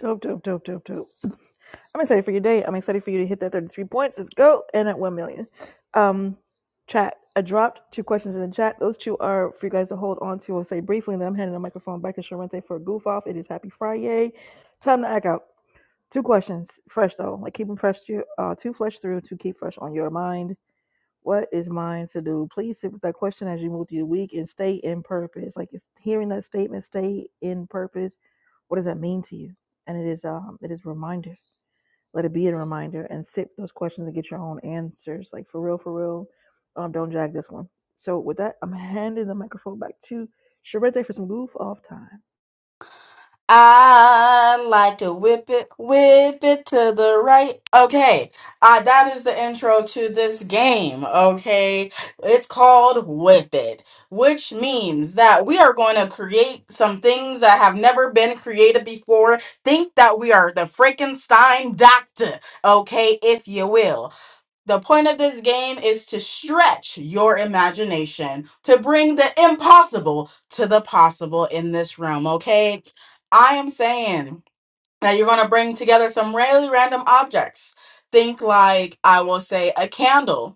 A: Dope, dope, dope, dope, dope. I'm excited for your day. I'm excited for you to hit that 33 points. Let's go. And at 1 million. Um, chat. I dropped two questions in the chat. Those two are for you guys to hold on to or say briefly. And then I'm handing the microphone back to Sharente for a goof off. It is happy Friday. Time to act out. Two questions, fresh though, like keep them fresh. To, uh, two flesh through, to keep fresh on your mind. What is mine to do? Please sit with that question as you move through the week and stay in purpose. Like it's hearing that statement, stay in purpose. What does that mean to you? And it is um it is reminder. Let it be a reminder and sit with those questions and get your own answers. Like for real, for real. Um, don't drag this one. So with that, I'm handing the microphone back to Sharente for some goof off time.
L: I like to whip it, whip it to the right. Okay, uh, that is the intro to this game. Okay, it's called Whip It, which means that we are going to create some things that have never been created before. Think that we are the Frankenstein doctor, okay, if you will. The point of this game is to stretch your imagination, to bring the impossible to the possible in this realm, okay? I am saying that you're going to bring together some really random objects. Think like, I will say, a candle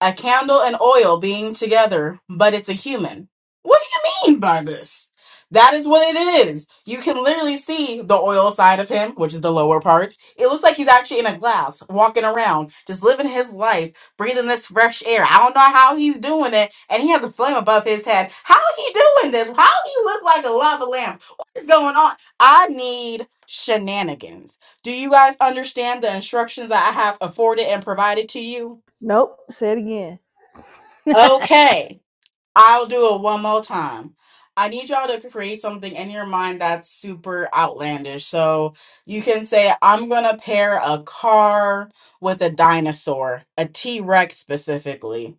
L: a candle and oil being together, but it's a human. What do you mean by this? That is what it is. You can literally see the oil side of him, which is the lower parts. It looks like he's actually in a glass, walking around, just living his life, breathing this fresh air. I don't know how he's doing it, and he has a flame above his head. How he doing this? How he look like a lava lamp? What is going on? I need shenanigans. Do you guys understand the instructions that I have afforded and provided to you?
A: Nope, say it again.
L: Okay. I'll do it one more time. I need y'all to create something in your mind that's super outlandish. So you can say, I'm going to pair a car with a dinosaur, a T Rex specifically.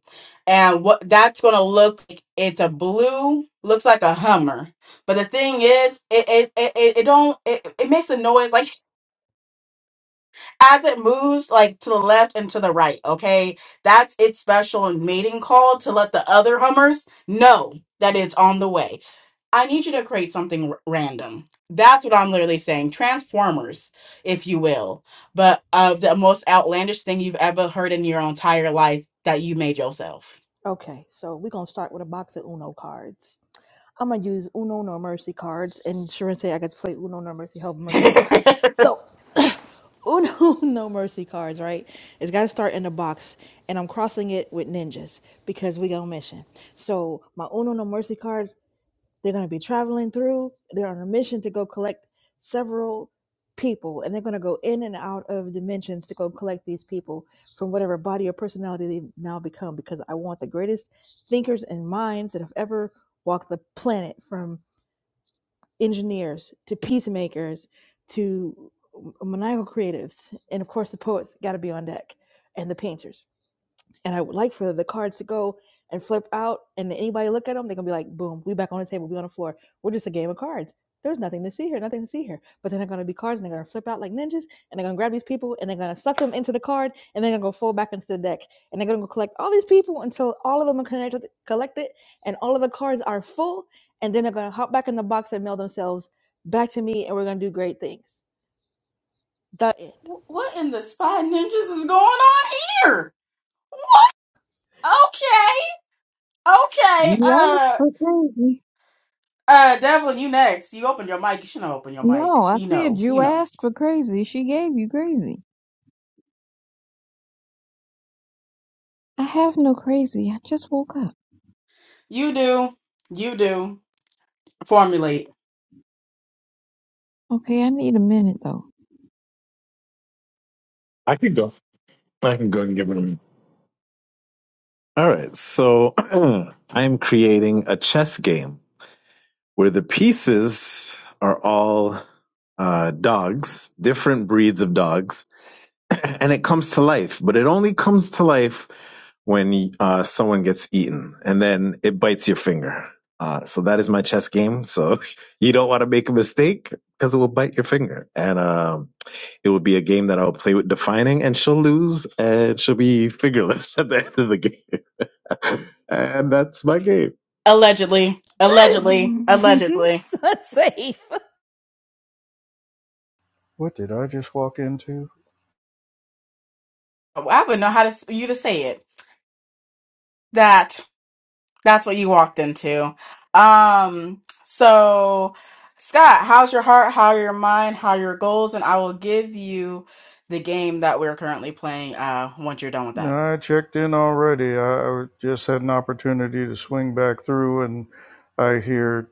L: And what that's going to look like, it's a blue, looks like a Hummer. But the thing is, it, it, it, it it don't, it, it makes a noise. Like as it moves like to the left and to the right, okay? That's its special mating call to let the other hummers know that it's on the way. I need you to create something r- random. That's what I'm literally saying. Transformers, if you will, but of the most outlandish thing you've ever heard in your entire life that you made yourself.
A: Okay, so we're gonna start with a box of Uno cards. I'm gonna use Uno no mercy cards, and Sharon say I got to play Uno no mercy. Have
L: Wh-
A: mercy on us. So Uno no mercy cards, right? It's got to start in the box, and I'm crossing it with ninjas because we go mission. So my Uno no mercy cards they're going to be traveling through. They're on a mission to go collect several people, and they're going to go in and out of dimensions to go collect these people from whatever body or personality they've now become. Because I want the greatest thinkers and minds that have ever walked the planet from engineers to peacemakers to maniacal creatives. And of course, the poets got to be on deck and the painters and I would like for the cards to go and flip out, and anybody look at them, they're gonna be like, boom, we back on the table, we on the floor. We're just a game of cards. There's nothing to see here, nothing to see here. But then they're gonna be cards, and they're gonna flip out like ninjas, and they're gonna grab these people, and they're gonna suck them into the card, and they're gonna go fold back into the deck, and they're gonna go collect all these people until all of them are connected, collected, and all of the cards are full, and then they're gonna hop back in the box and mail themselves back to me, and we're gonna do great things. The end.
L: what in the spy ninjas is going on here? Okay, okay.
F: You asked
L: uh.
F: for crazy.
L: Uh, Devlin, you next. You open your mic. You shouldn't open your mic.
F: No, I
L: You
F: said
L: know, you
F: you
L: know.
F: asked for crazy. She gave you crazy. I have no crazy. I just woke up.
L: You do. You do. Formulate.
F: Okay, I need a minute though.
H: I can go. I can go and give it a minute. All right. So I am creating a chess game where the pieces are all uh, dogs, different breeds of dogs, and it comes to life, but it only comes to life when uh, someone gets eaten and then it bites your finger. Uh, so that is my chess game. So you don't want to make a mistake because it will bite your finger. And, um, It would be a game that I'll play with defining, and she'll lose, and she'll be figureless at the end of the game. and that's my game.
L: Allegedly. Allegedly.
A: That
L: Allegedly.
A: is such a
I: what did I just walk into?
L: I wouldn't know how to s- you to say it. That. That's what you walked into. Um, so Scott, how's your heart? How are your mind? How are your goals? And I will give you the game that we're currently playing uh once you're done with
I: No,
L: that.
I: I checked in already. I, I just had an opportunity to swing back through, and I hear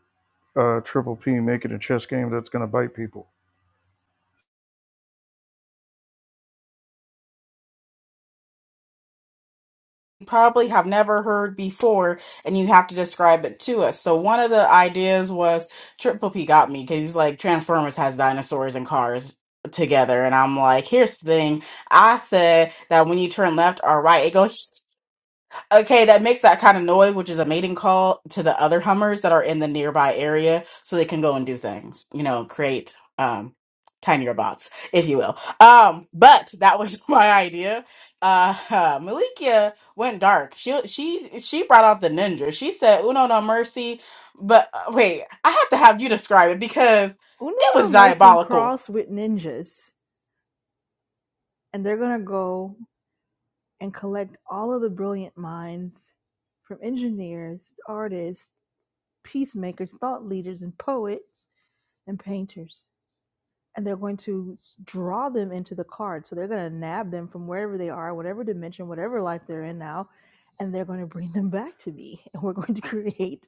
I: uh, Triple P making a chess game that's going to bite people.
L: probably have never heard before and you have to describe it to us. So one of the ideas was Triple P got me because he's like Transformers has dinosaurs and cars together and I'm like, here's the thing. I said that when you turn left or right, it goes Okay, that makes that kind of noise, which is a mating call to the other Hummers that are in the nearby area so they can go and do things, you know, create um tinier bots, if you will. Um, but that was my idea. Uh, Malikia went dark. She she she brought out the ninja. She said, "Uno no mercy." But uh, wait, I have to have you describe it because
A: Uno
L: it
A: no
L: was
A: Mercy
L: diabolical.
A: crossed with ninjas, and they're gonna go and collect all of the brilliant minds from engineers, artists, peacemakers, thought leaders, and poets and painters. And they're going to draw them into the card. So they're going to nab them from wherever they are, whatever dimension, whatever life they're in now, and they're going to bring them back to me. And we're going to create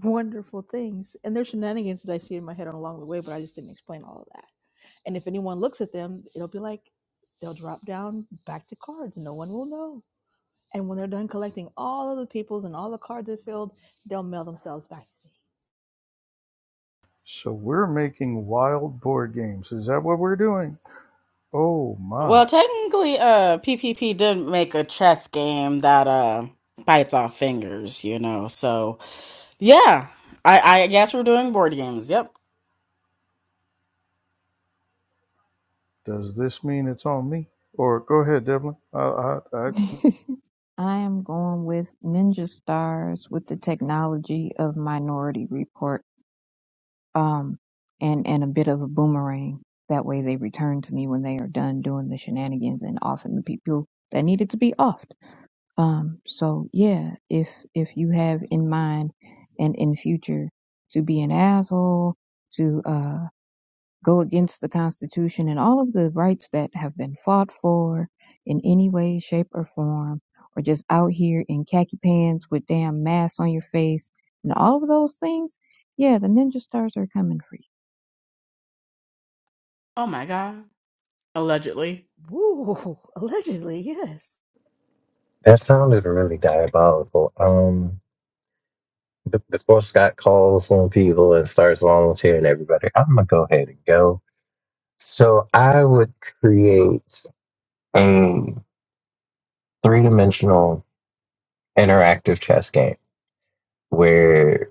A: wonderful things. And there's shenanigans that I see in my head along the way, but I just didn't explain all of that. And if anyone looks at them, it'll be like they'll drop down back to cards. No one will know. And when they're done collecting all of the peoples and all the cards are filled, they'll mail themselves back to me.
I: So we're making wild board games. Is that what we're doing? Oh my!
L: Well, technically, uh, PPP did make a chess game that uh bites off fingers, you know. So yeah, I I guess we're doing board games. Yep.
I: Does this mean it's on me? Or go ahead, Devlin. I, I, I,
F: I am going with Ninja Stars with the technology of Minority Report, um, and and a bit of a boomerang. That way, they return to me when they are done doing the shenanigans and offing the people that needed to be offed. Um, so yeah, if if you have in mind and in future to be an asshole, to uh, go against the Constitution and all of the rights that have been fought for in any way, shape, or form, or just out here in khaki pants with damn masks on your face and all of those things, yeah, the ninja stars are coming for
L: Oh my god. Allegedly,
A: Woo! Allegedly, yes.
D: That sounded really diabolical. Um, b- before Scott calls on people and starts volunteering everybody, I'm gonna go ahead and go. So I would create a three-dimensional interactive chess game where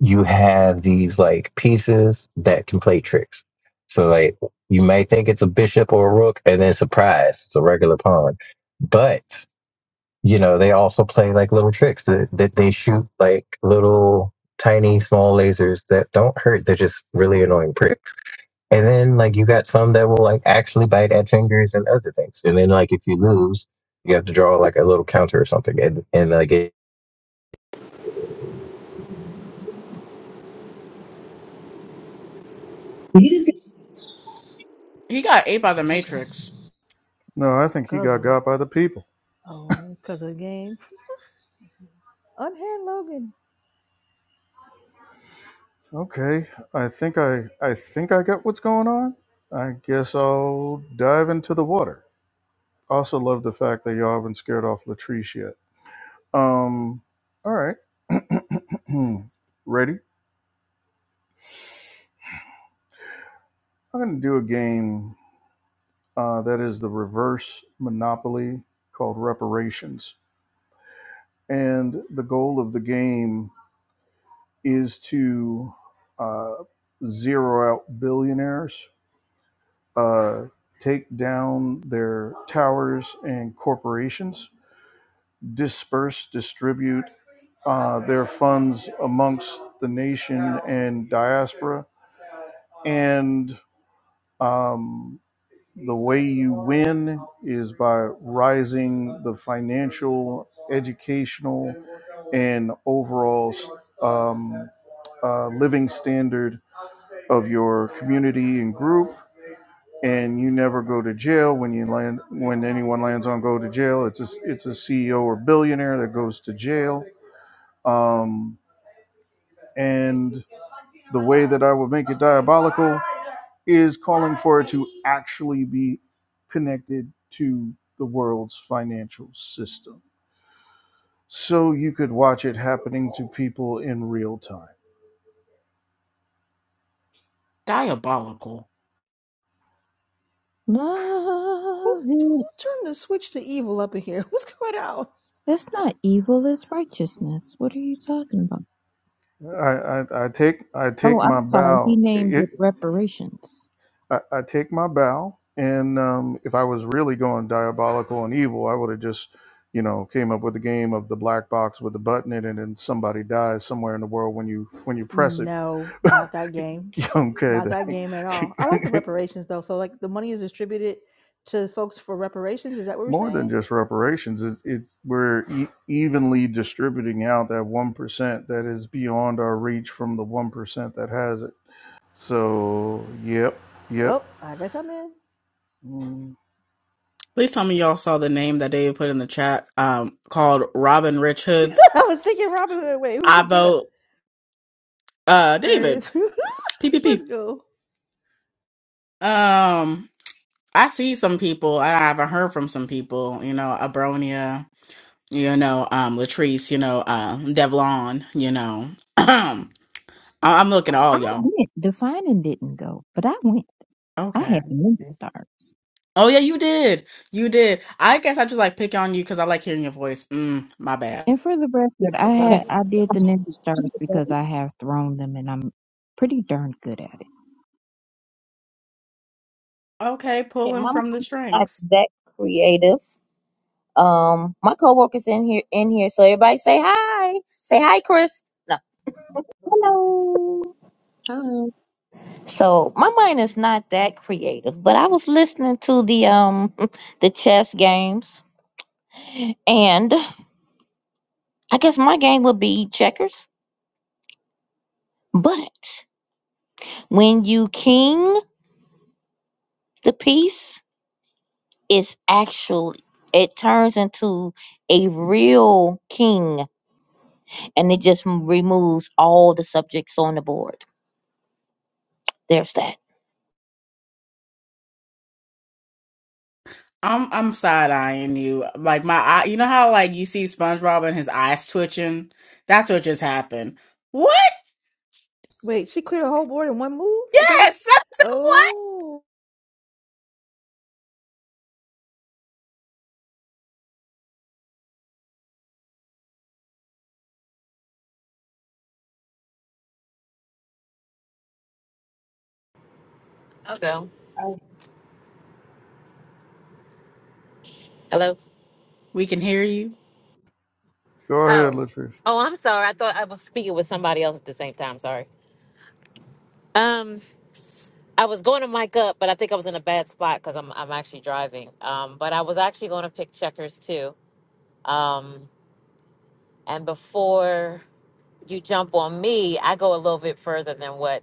D: you have these like pieces that can play tricks. So like you may think it's a bishop or a rook, and then surprise, it's a regular pawn. But you know they also play like little tricks that, that they shoot like little tiny small lasers that don't hurt. They're just really annoying pricks. And then like you got some that will like actually bite at fingers and other things. And then like if you lose, you have to draw like a little counter or something. And and like it, Wait
L: he got ate by the
A: Okay.
L: Matrix.
I: no, I think he got
A: Guzzled.
I: got by the people.
A: Oh, because of the game. Unhand Logan.
I: Okay, I think I, I think I get what's going on. I guess I'll dive into the water. Also, love the fact that y'all haven't scared off Latrice yet. Um, all right, ready? I'm gonna do a game uh, that is the reverse Monopoly called Reparations and the goal of the game is to uh, zero out billionaires, uh, take down their towers and corporations, disperse, distribute uh, their funds amongst the nation and diaspora, and um, the way you win is by rising the financial, educational, and overall um, uh, living standard of your community and group, and you never go to jail when you land when anyone lands on go to jail. It's a it's a CEO or billionaire that goes to jail. Um, and the way that I would make it diabolical is calling for it to actually be connected to the world's financial system. So you could watch it happening to people in real time.
L: Diabolical.
F: you.
A: Who
F: Love
A: who
F: it.
A: turned the switch to evil up in here? What's going on?
F: That's not evil, it's righteousness. What are you talking about?
I: I, I, I take I
F: Oh,
I: take my
F: I'm sorry. He
I: bow.
F: named
I: It.
F: it reparations.
I: I, I take my bow, and um, if I was really going diabolical and evil, I would have just, you know, came up with a game of the black box with the button in it, and then somebody dies somewhere in the world when you when you press it.
A: No, not that game.
I: okay,
A: Not that game at all. I like the
I: the,
A: reparations though. So like the money is distributed to folks for reparations. Is that what we're
I: more than
A: saying?
I: just reparations, it's, it's we're e- evenly distributing out that one percent that is beyond our reach from the one percent that has it. So, yep, yep.
A: Oh, I guess I'm in.
I: Mm,
L: Please tell me y'all saw the name that David put in the chat. Um, called Robin Rich Hoods.
A: I was thinking Robin Hood. Wait, who
L: I
A: put that?
L: vote. Uh,
A: There he
L: David
A: is.
L: PPP.
A: Let's go.
L: Um, I see some people. I haven't heard from some people. You know, Abronia. you know, um, Latrice, you know, uh, Devlon, you know, I- I'm looking at all
F: I
L: y'all.
F: went. Defining didn't go, but I went. I
L: Okay.
F: had the ninja stars.
L: Oh yeah, you did. You did. I guess I just like pick on you because I like hearing your voice. Mm, my bad.
F: And for the record, I
C: Okay,
F: had I did the ninja stars because I have thrown them and I'm pretty darn good at it.
L: Okay, pulling
C: my mom's
L: from the
C: not
L: strings.
C: that creative. Um, my coworkers in here, in here, so everybody say hi. Say hi, Chris. No.
F: Hello.
E: Hello.
C: So my mind is not that creative, but I was listening to the um the chess games, and I guess my game would be checkers. But when you king the piece, it's actually it turns into a real king, and it just removes all the subjects on the board. There's that.
L: I'm I'm side eyeing you. Like my eye, you know how like you see SpongeBob and his eyes twitching. That's what just happened. What?
A: Wait, she cleared a whole board in one move? Is that what she
L: Yes.
A: said?
L: That's what.
A: Oh,
G: I'll go.
E: Uh,
G: Hello?
L: We can hear you.
I: Go ahead,
G: Oh.
I: Latrice.
G: Oh, I'm sorry. I thought I was speaking with somebody else at the same time. Sorry. Um, I was going to mic up, but I think I was in a bad spot because I'm I'm actually driving. Um, but I was actually going to pick checkers too Um, and before you jump on me, I go a little bit further than what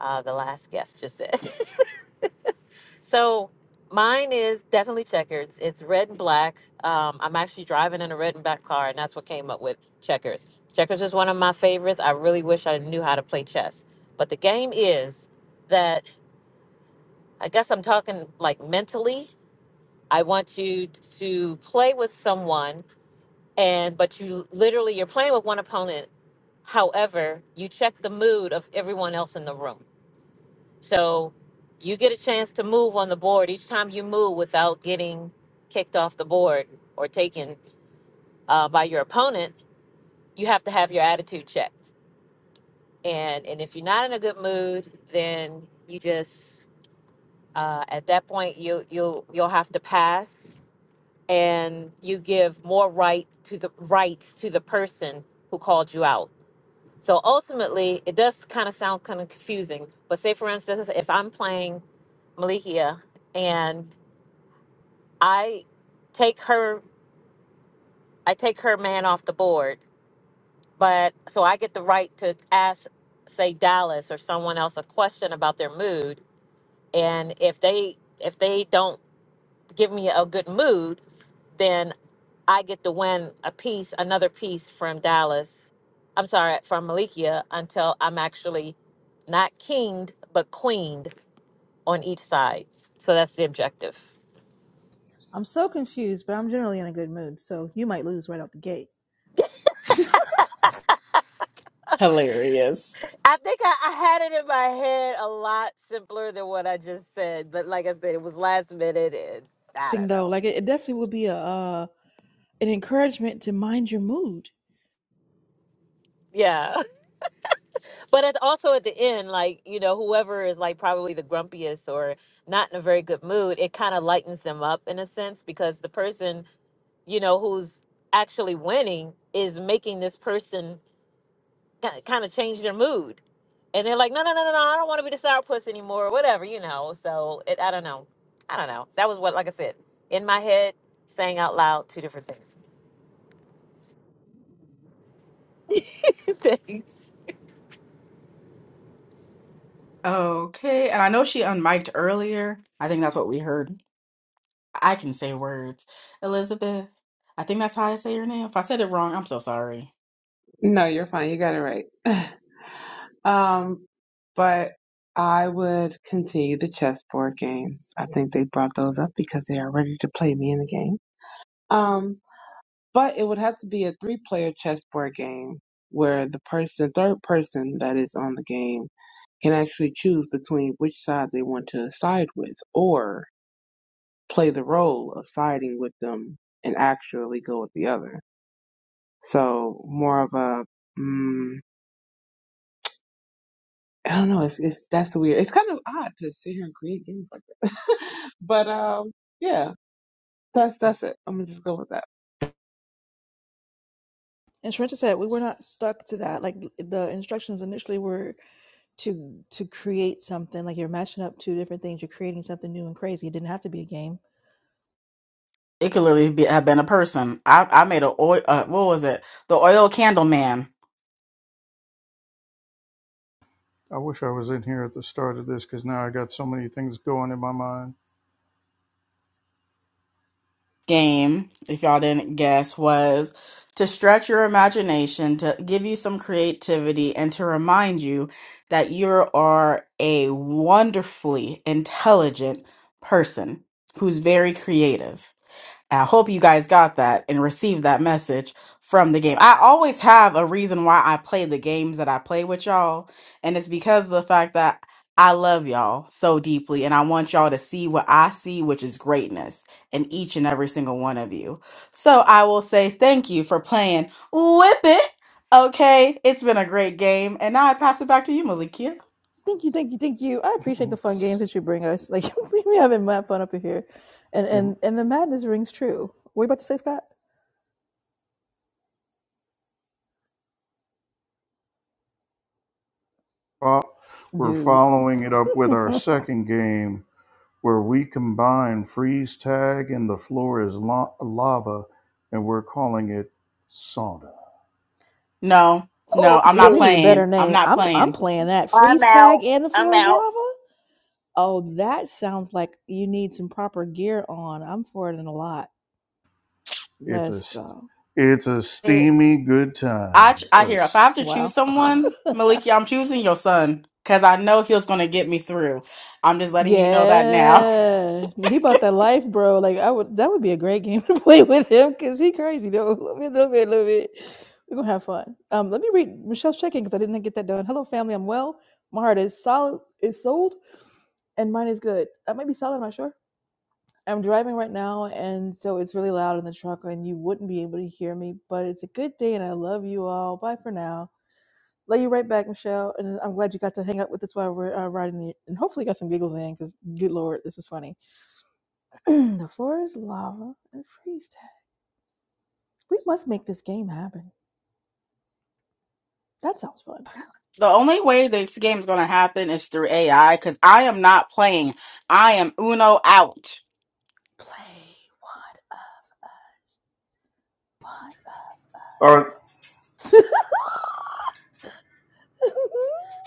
G: uh, the last guest just said. so mine is definitely checkers. It's red and black. Um, I'm actually driving in a red and black car, and that's what came up with checkers. Checkers is one of my favorites. I really wish I knew how to play chess. But the game is that I guess I'm talking like mentally. I want you to play with someone and but you literally you're playing with one opponent however you check the mood of everyone else in the room so you get a chance to move on the board each time you move without getting kicked off the board or taken uh, by your opponent you have to have your attitude checked and and if you're not in a good mood then you just uh, at that point you you'll you'll have to pass and you give more right to the rights to the person who called you out So ultimately, it does kind of sound kind of confusing. But say, for instance, if I'm playing Malikia and I take her, I take her man off the board, but so I get the right to ask, say, Dallas or someone else a question about their mood, and if they if they don't give me a good mood, then. I get to win a piece, another piece from Dallas. I'm sorry, from Malikia until I'm actually not kinged, but queened on each side. So that's the objective.
A: I'm so confused, but I'm generally in a good mood, so you might lose right out the gate.
L: Hilarious.
G: I think I, I had it in my head a lot simpler than what I just said. But like I said, it was last minute and I
A: Thing
G: don't
A: though,
G: know.
A: like it, it definitely would be a uh, an encouragement to mind your mood.
G: Yeah. But at, also at the end, like, you know, whoever is like probably the grumpiest or not in a very good mood, it kind of lightens them up in a sense because the person you know, who's actually winning is making this person kind of change their mood. And they're like, no, no, no, no, no, I don't want to be the sour puss anymore, or whatever, you know. So it, I don't know. I don't know. That was what, like I said, in my head, saying out loud, two different things. Thanks.
L: Okay, and I know she unmiked earlier. I think that's what we heard. I can say words. Elizabeth, I think that's how I say your name. If I said it wrong, I'm so sorry.
E: No, you're fine. You got it right. Um, but I would continue the chessboard games. I think they brought those up because they are ready to play me in the game. Um, but it would have to be a three-player chessboard game where the person, third person that is on the game can actually choose between which side they want to side with or play the role of siding with them and actually go with the other. So more of a, mm, I don't know. It's, it's that's weird. It's kind of odd to sit here and create games like that. but um, yeah, that's that's it. I'm gonna just go with that.
A: And Sharenta said we were not stuck to that. Like the instructions initially were to to create something like you're matching up two different things you're creating something new and crazy it didn't have to be a game
L: It could literally be, have been a person. I, I made a oil, uh, what was it? The oil candle man
I: I wish I was in here at the start of this because now I got so many things going in my mind.
L: game, if y'all didn't guess, was to stretch your imagination, to give you some creativity, and to remind you that you are a wonderfully intelligent person who's very creative. I hope you guys got that and received that message from the game. I always have a reason why I play the games that I play with y'all, and it's because of the fact that I love y'all so deeply and I want y'all to see what I see, which is greatness in each and every single one of you. So I will say thank you for playing Whip It. Okay, it's been a great game, and now I pass it back to you, Malikia.
A: thank you thank you thank you i appreciate the fun games that you bring us like we are having mad fun up in here and
I: and
A: and and the madness rings true what are you about to say scott
I: fo- we're
A: dude
I: following it up with our second game where we combine freeze tag and the floor is la- lava, and we're calling it sauna.
L: No, no,
C: Oh,
L: I'm
A: we
L: not
C: oh,
A: need a
C: oh.
A: better
L: playing. I'm
A: name
L: not
A: i'm
L: playing.
A: i'm playing that
C: I'm
A: freeze tag
C: out.
A: and the
C: I'm
A: floor is
C: out.
A: lava Oh, that sounds like you need some proper gear on. I'm for it in a lot.
I: It's a
A: Let's
I: st-
A: go.
I: it's a
L: Hey,
I: steamy good
L: I
I: time.
L: I
I: A
L: hear if I have
I: st-
L: to choose
A: Wow.
L: someone, Maliki, I'm choosing your son because I know he was going to get me through. I'm just letting you know that now.
A: yeah. He bought that life, bro. Like I would that would be a great game to play with him because he crazy though. A little bit, little bit, little bit. We're gonna have fun. Um, let me read Michelle's check-in because I didn't get that done. Hello, family. I'm well. My heart is solid is sold and mine is good. I might be solid, I'm not sure. I'm driving right now, and so it's really loud in the truck, and you wouldn't be able to hear me. But it's a good day, and I love you all. Bye for now. Love you right back, Michelle. And I'm glad you got to hang out with us while we're uh, riding, the, and hopefully got some giggles in, because good lord, this was funny. the floor is lava and freeze tag. We must make this game happen. That sounds fun.
L: The only way this game is gonna happen is through AI because I am not playing. I am Uno out.
A: Play one of us.
I: our,
A: One of us.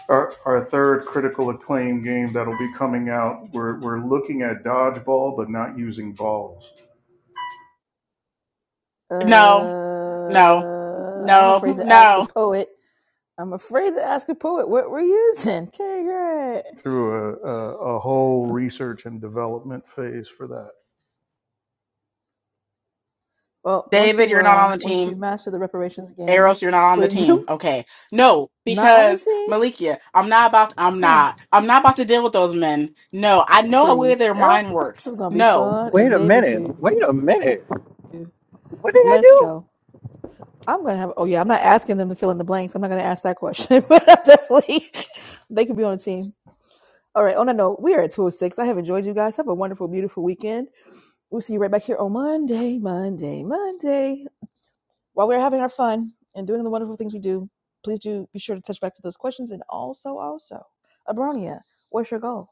I: our, our third critical acclaim game that'll be coming out. We're, we're looking at dodgeball, but not using balls
A: uh,
L: No, no,
A: I'm
L: no,
A: afraid to ask a
L: no.
A: poet. I'm afraid to ask a poet what we're using. Okay, great.
I: through a, a, a whole research and development phase for that.
A: Well, once
L: David,
A: you
L: you're not
A: uh
L: on the
A: once you
L: team.
A: master the reparations game,
L: Eros, you're not on the
A: wait,
L: team.
A: do
L: Okay. No,
A: not on the
L: because
A: team?
L: Malikia, I'm not about I'm
A: Huh?
L: not. I'm not about to deal with those men. No, I know how way
A: Please,
L: their
A: Errol
L: mind works.
A: is gonna be
L: No.
A: fun, and
D: a
A: David too.
D: minute. Wait a minute.
A: Let's go. I'm gonna have. Oh yeah, I'm not asking them to fill in the blanks. I'm not gonna ask that question, but I'm definitely they could be on the team. All right. On that note, we are at 206. I have enjoyed you guys. Have a wonderful, beautiful weekend. We'll see you right back here on Monday, Monday, Monday. while we're having our fun and doing the wonderful things we do, please do be sure to touch back to those questions. And also, also, Abronia, what's your goal?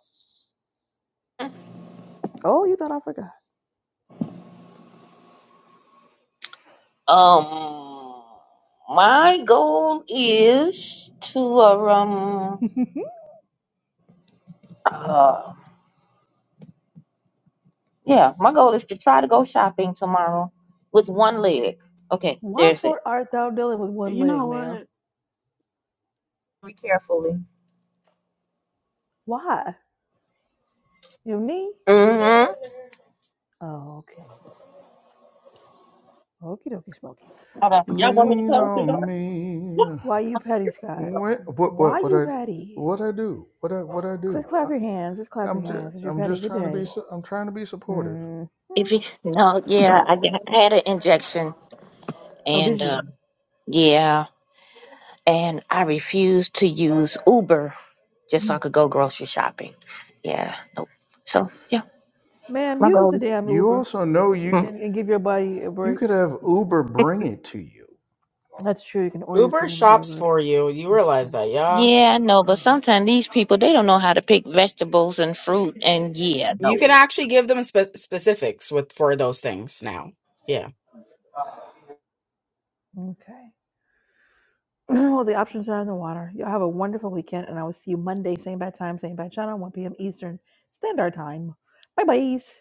A: Oh, you thought I forgot.
C: Um, my goal is to uh, um uh yeah, my goal is to try to go shopping tomorrow with one leg. Okay,
A: Why
C: there's it.
A: for art thou dealing with one
L: You
A: leg,
L: know
A: man?
L: what?
C: Very carefully.
A: Why? Your knee?
C: Mm-hmm.
A: Oh, okay. Okie dokie Smokey.
C: Hold on. Y'all want me to
I: Lean
C: close the
I: on
C: door?
I: me.
A: Why you petty, Scott?
I: What what
A: Why
I: what what
A: you
I: I
A: petty?
I: what I do? What I what I do?
A: Just
I: I,
A: clap your hands. Just clap
I: I'm
A: your
I: just
A: hands. Cause you're
I: I'm
A: petty.
I: just
A: Good
I: trying to be
A: day.
I: I'm trying to be supportive.
A: hmm
C: If you no, yeah, I, got- I had an injection
A: Oh, did
C: and uh,
A: you?
C: yeah. and I refused to use Uber just so I
A: Mm.
C: could go grocery shopping. Yeah, nope. So yeah,
A: Ma'am,
C: my
A: use
C: goal
A: the
C: is.
A: damn
I: You
A: Uber
I: also know you
C: Mm.
A: and, and give your body a
I: you could
A: break.
I: have Uber bring it to you.
A: That's true. You can order your food
L: Uber
A: and be
L: shops
A: delivered.
L: for you. You
A: That's
L: realize
A: true.
L: that, yeah?
C: Yeah, I know, but
A: Yeah.
C: sometimes these people they don't know how to pick vegetables and fruit, and yeah,
L: You
C: no.
L: can actually give them spe- specifics with for those things now. Yeah.
A: Okay. well, the options are in the water. Y'all have a wonderful weekend, and I will see you Monday, same bad time, same bad channel, 1 p.m. Eastern Standard Time. Bye bye.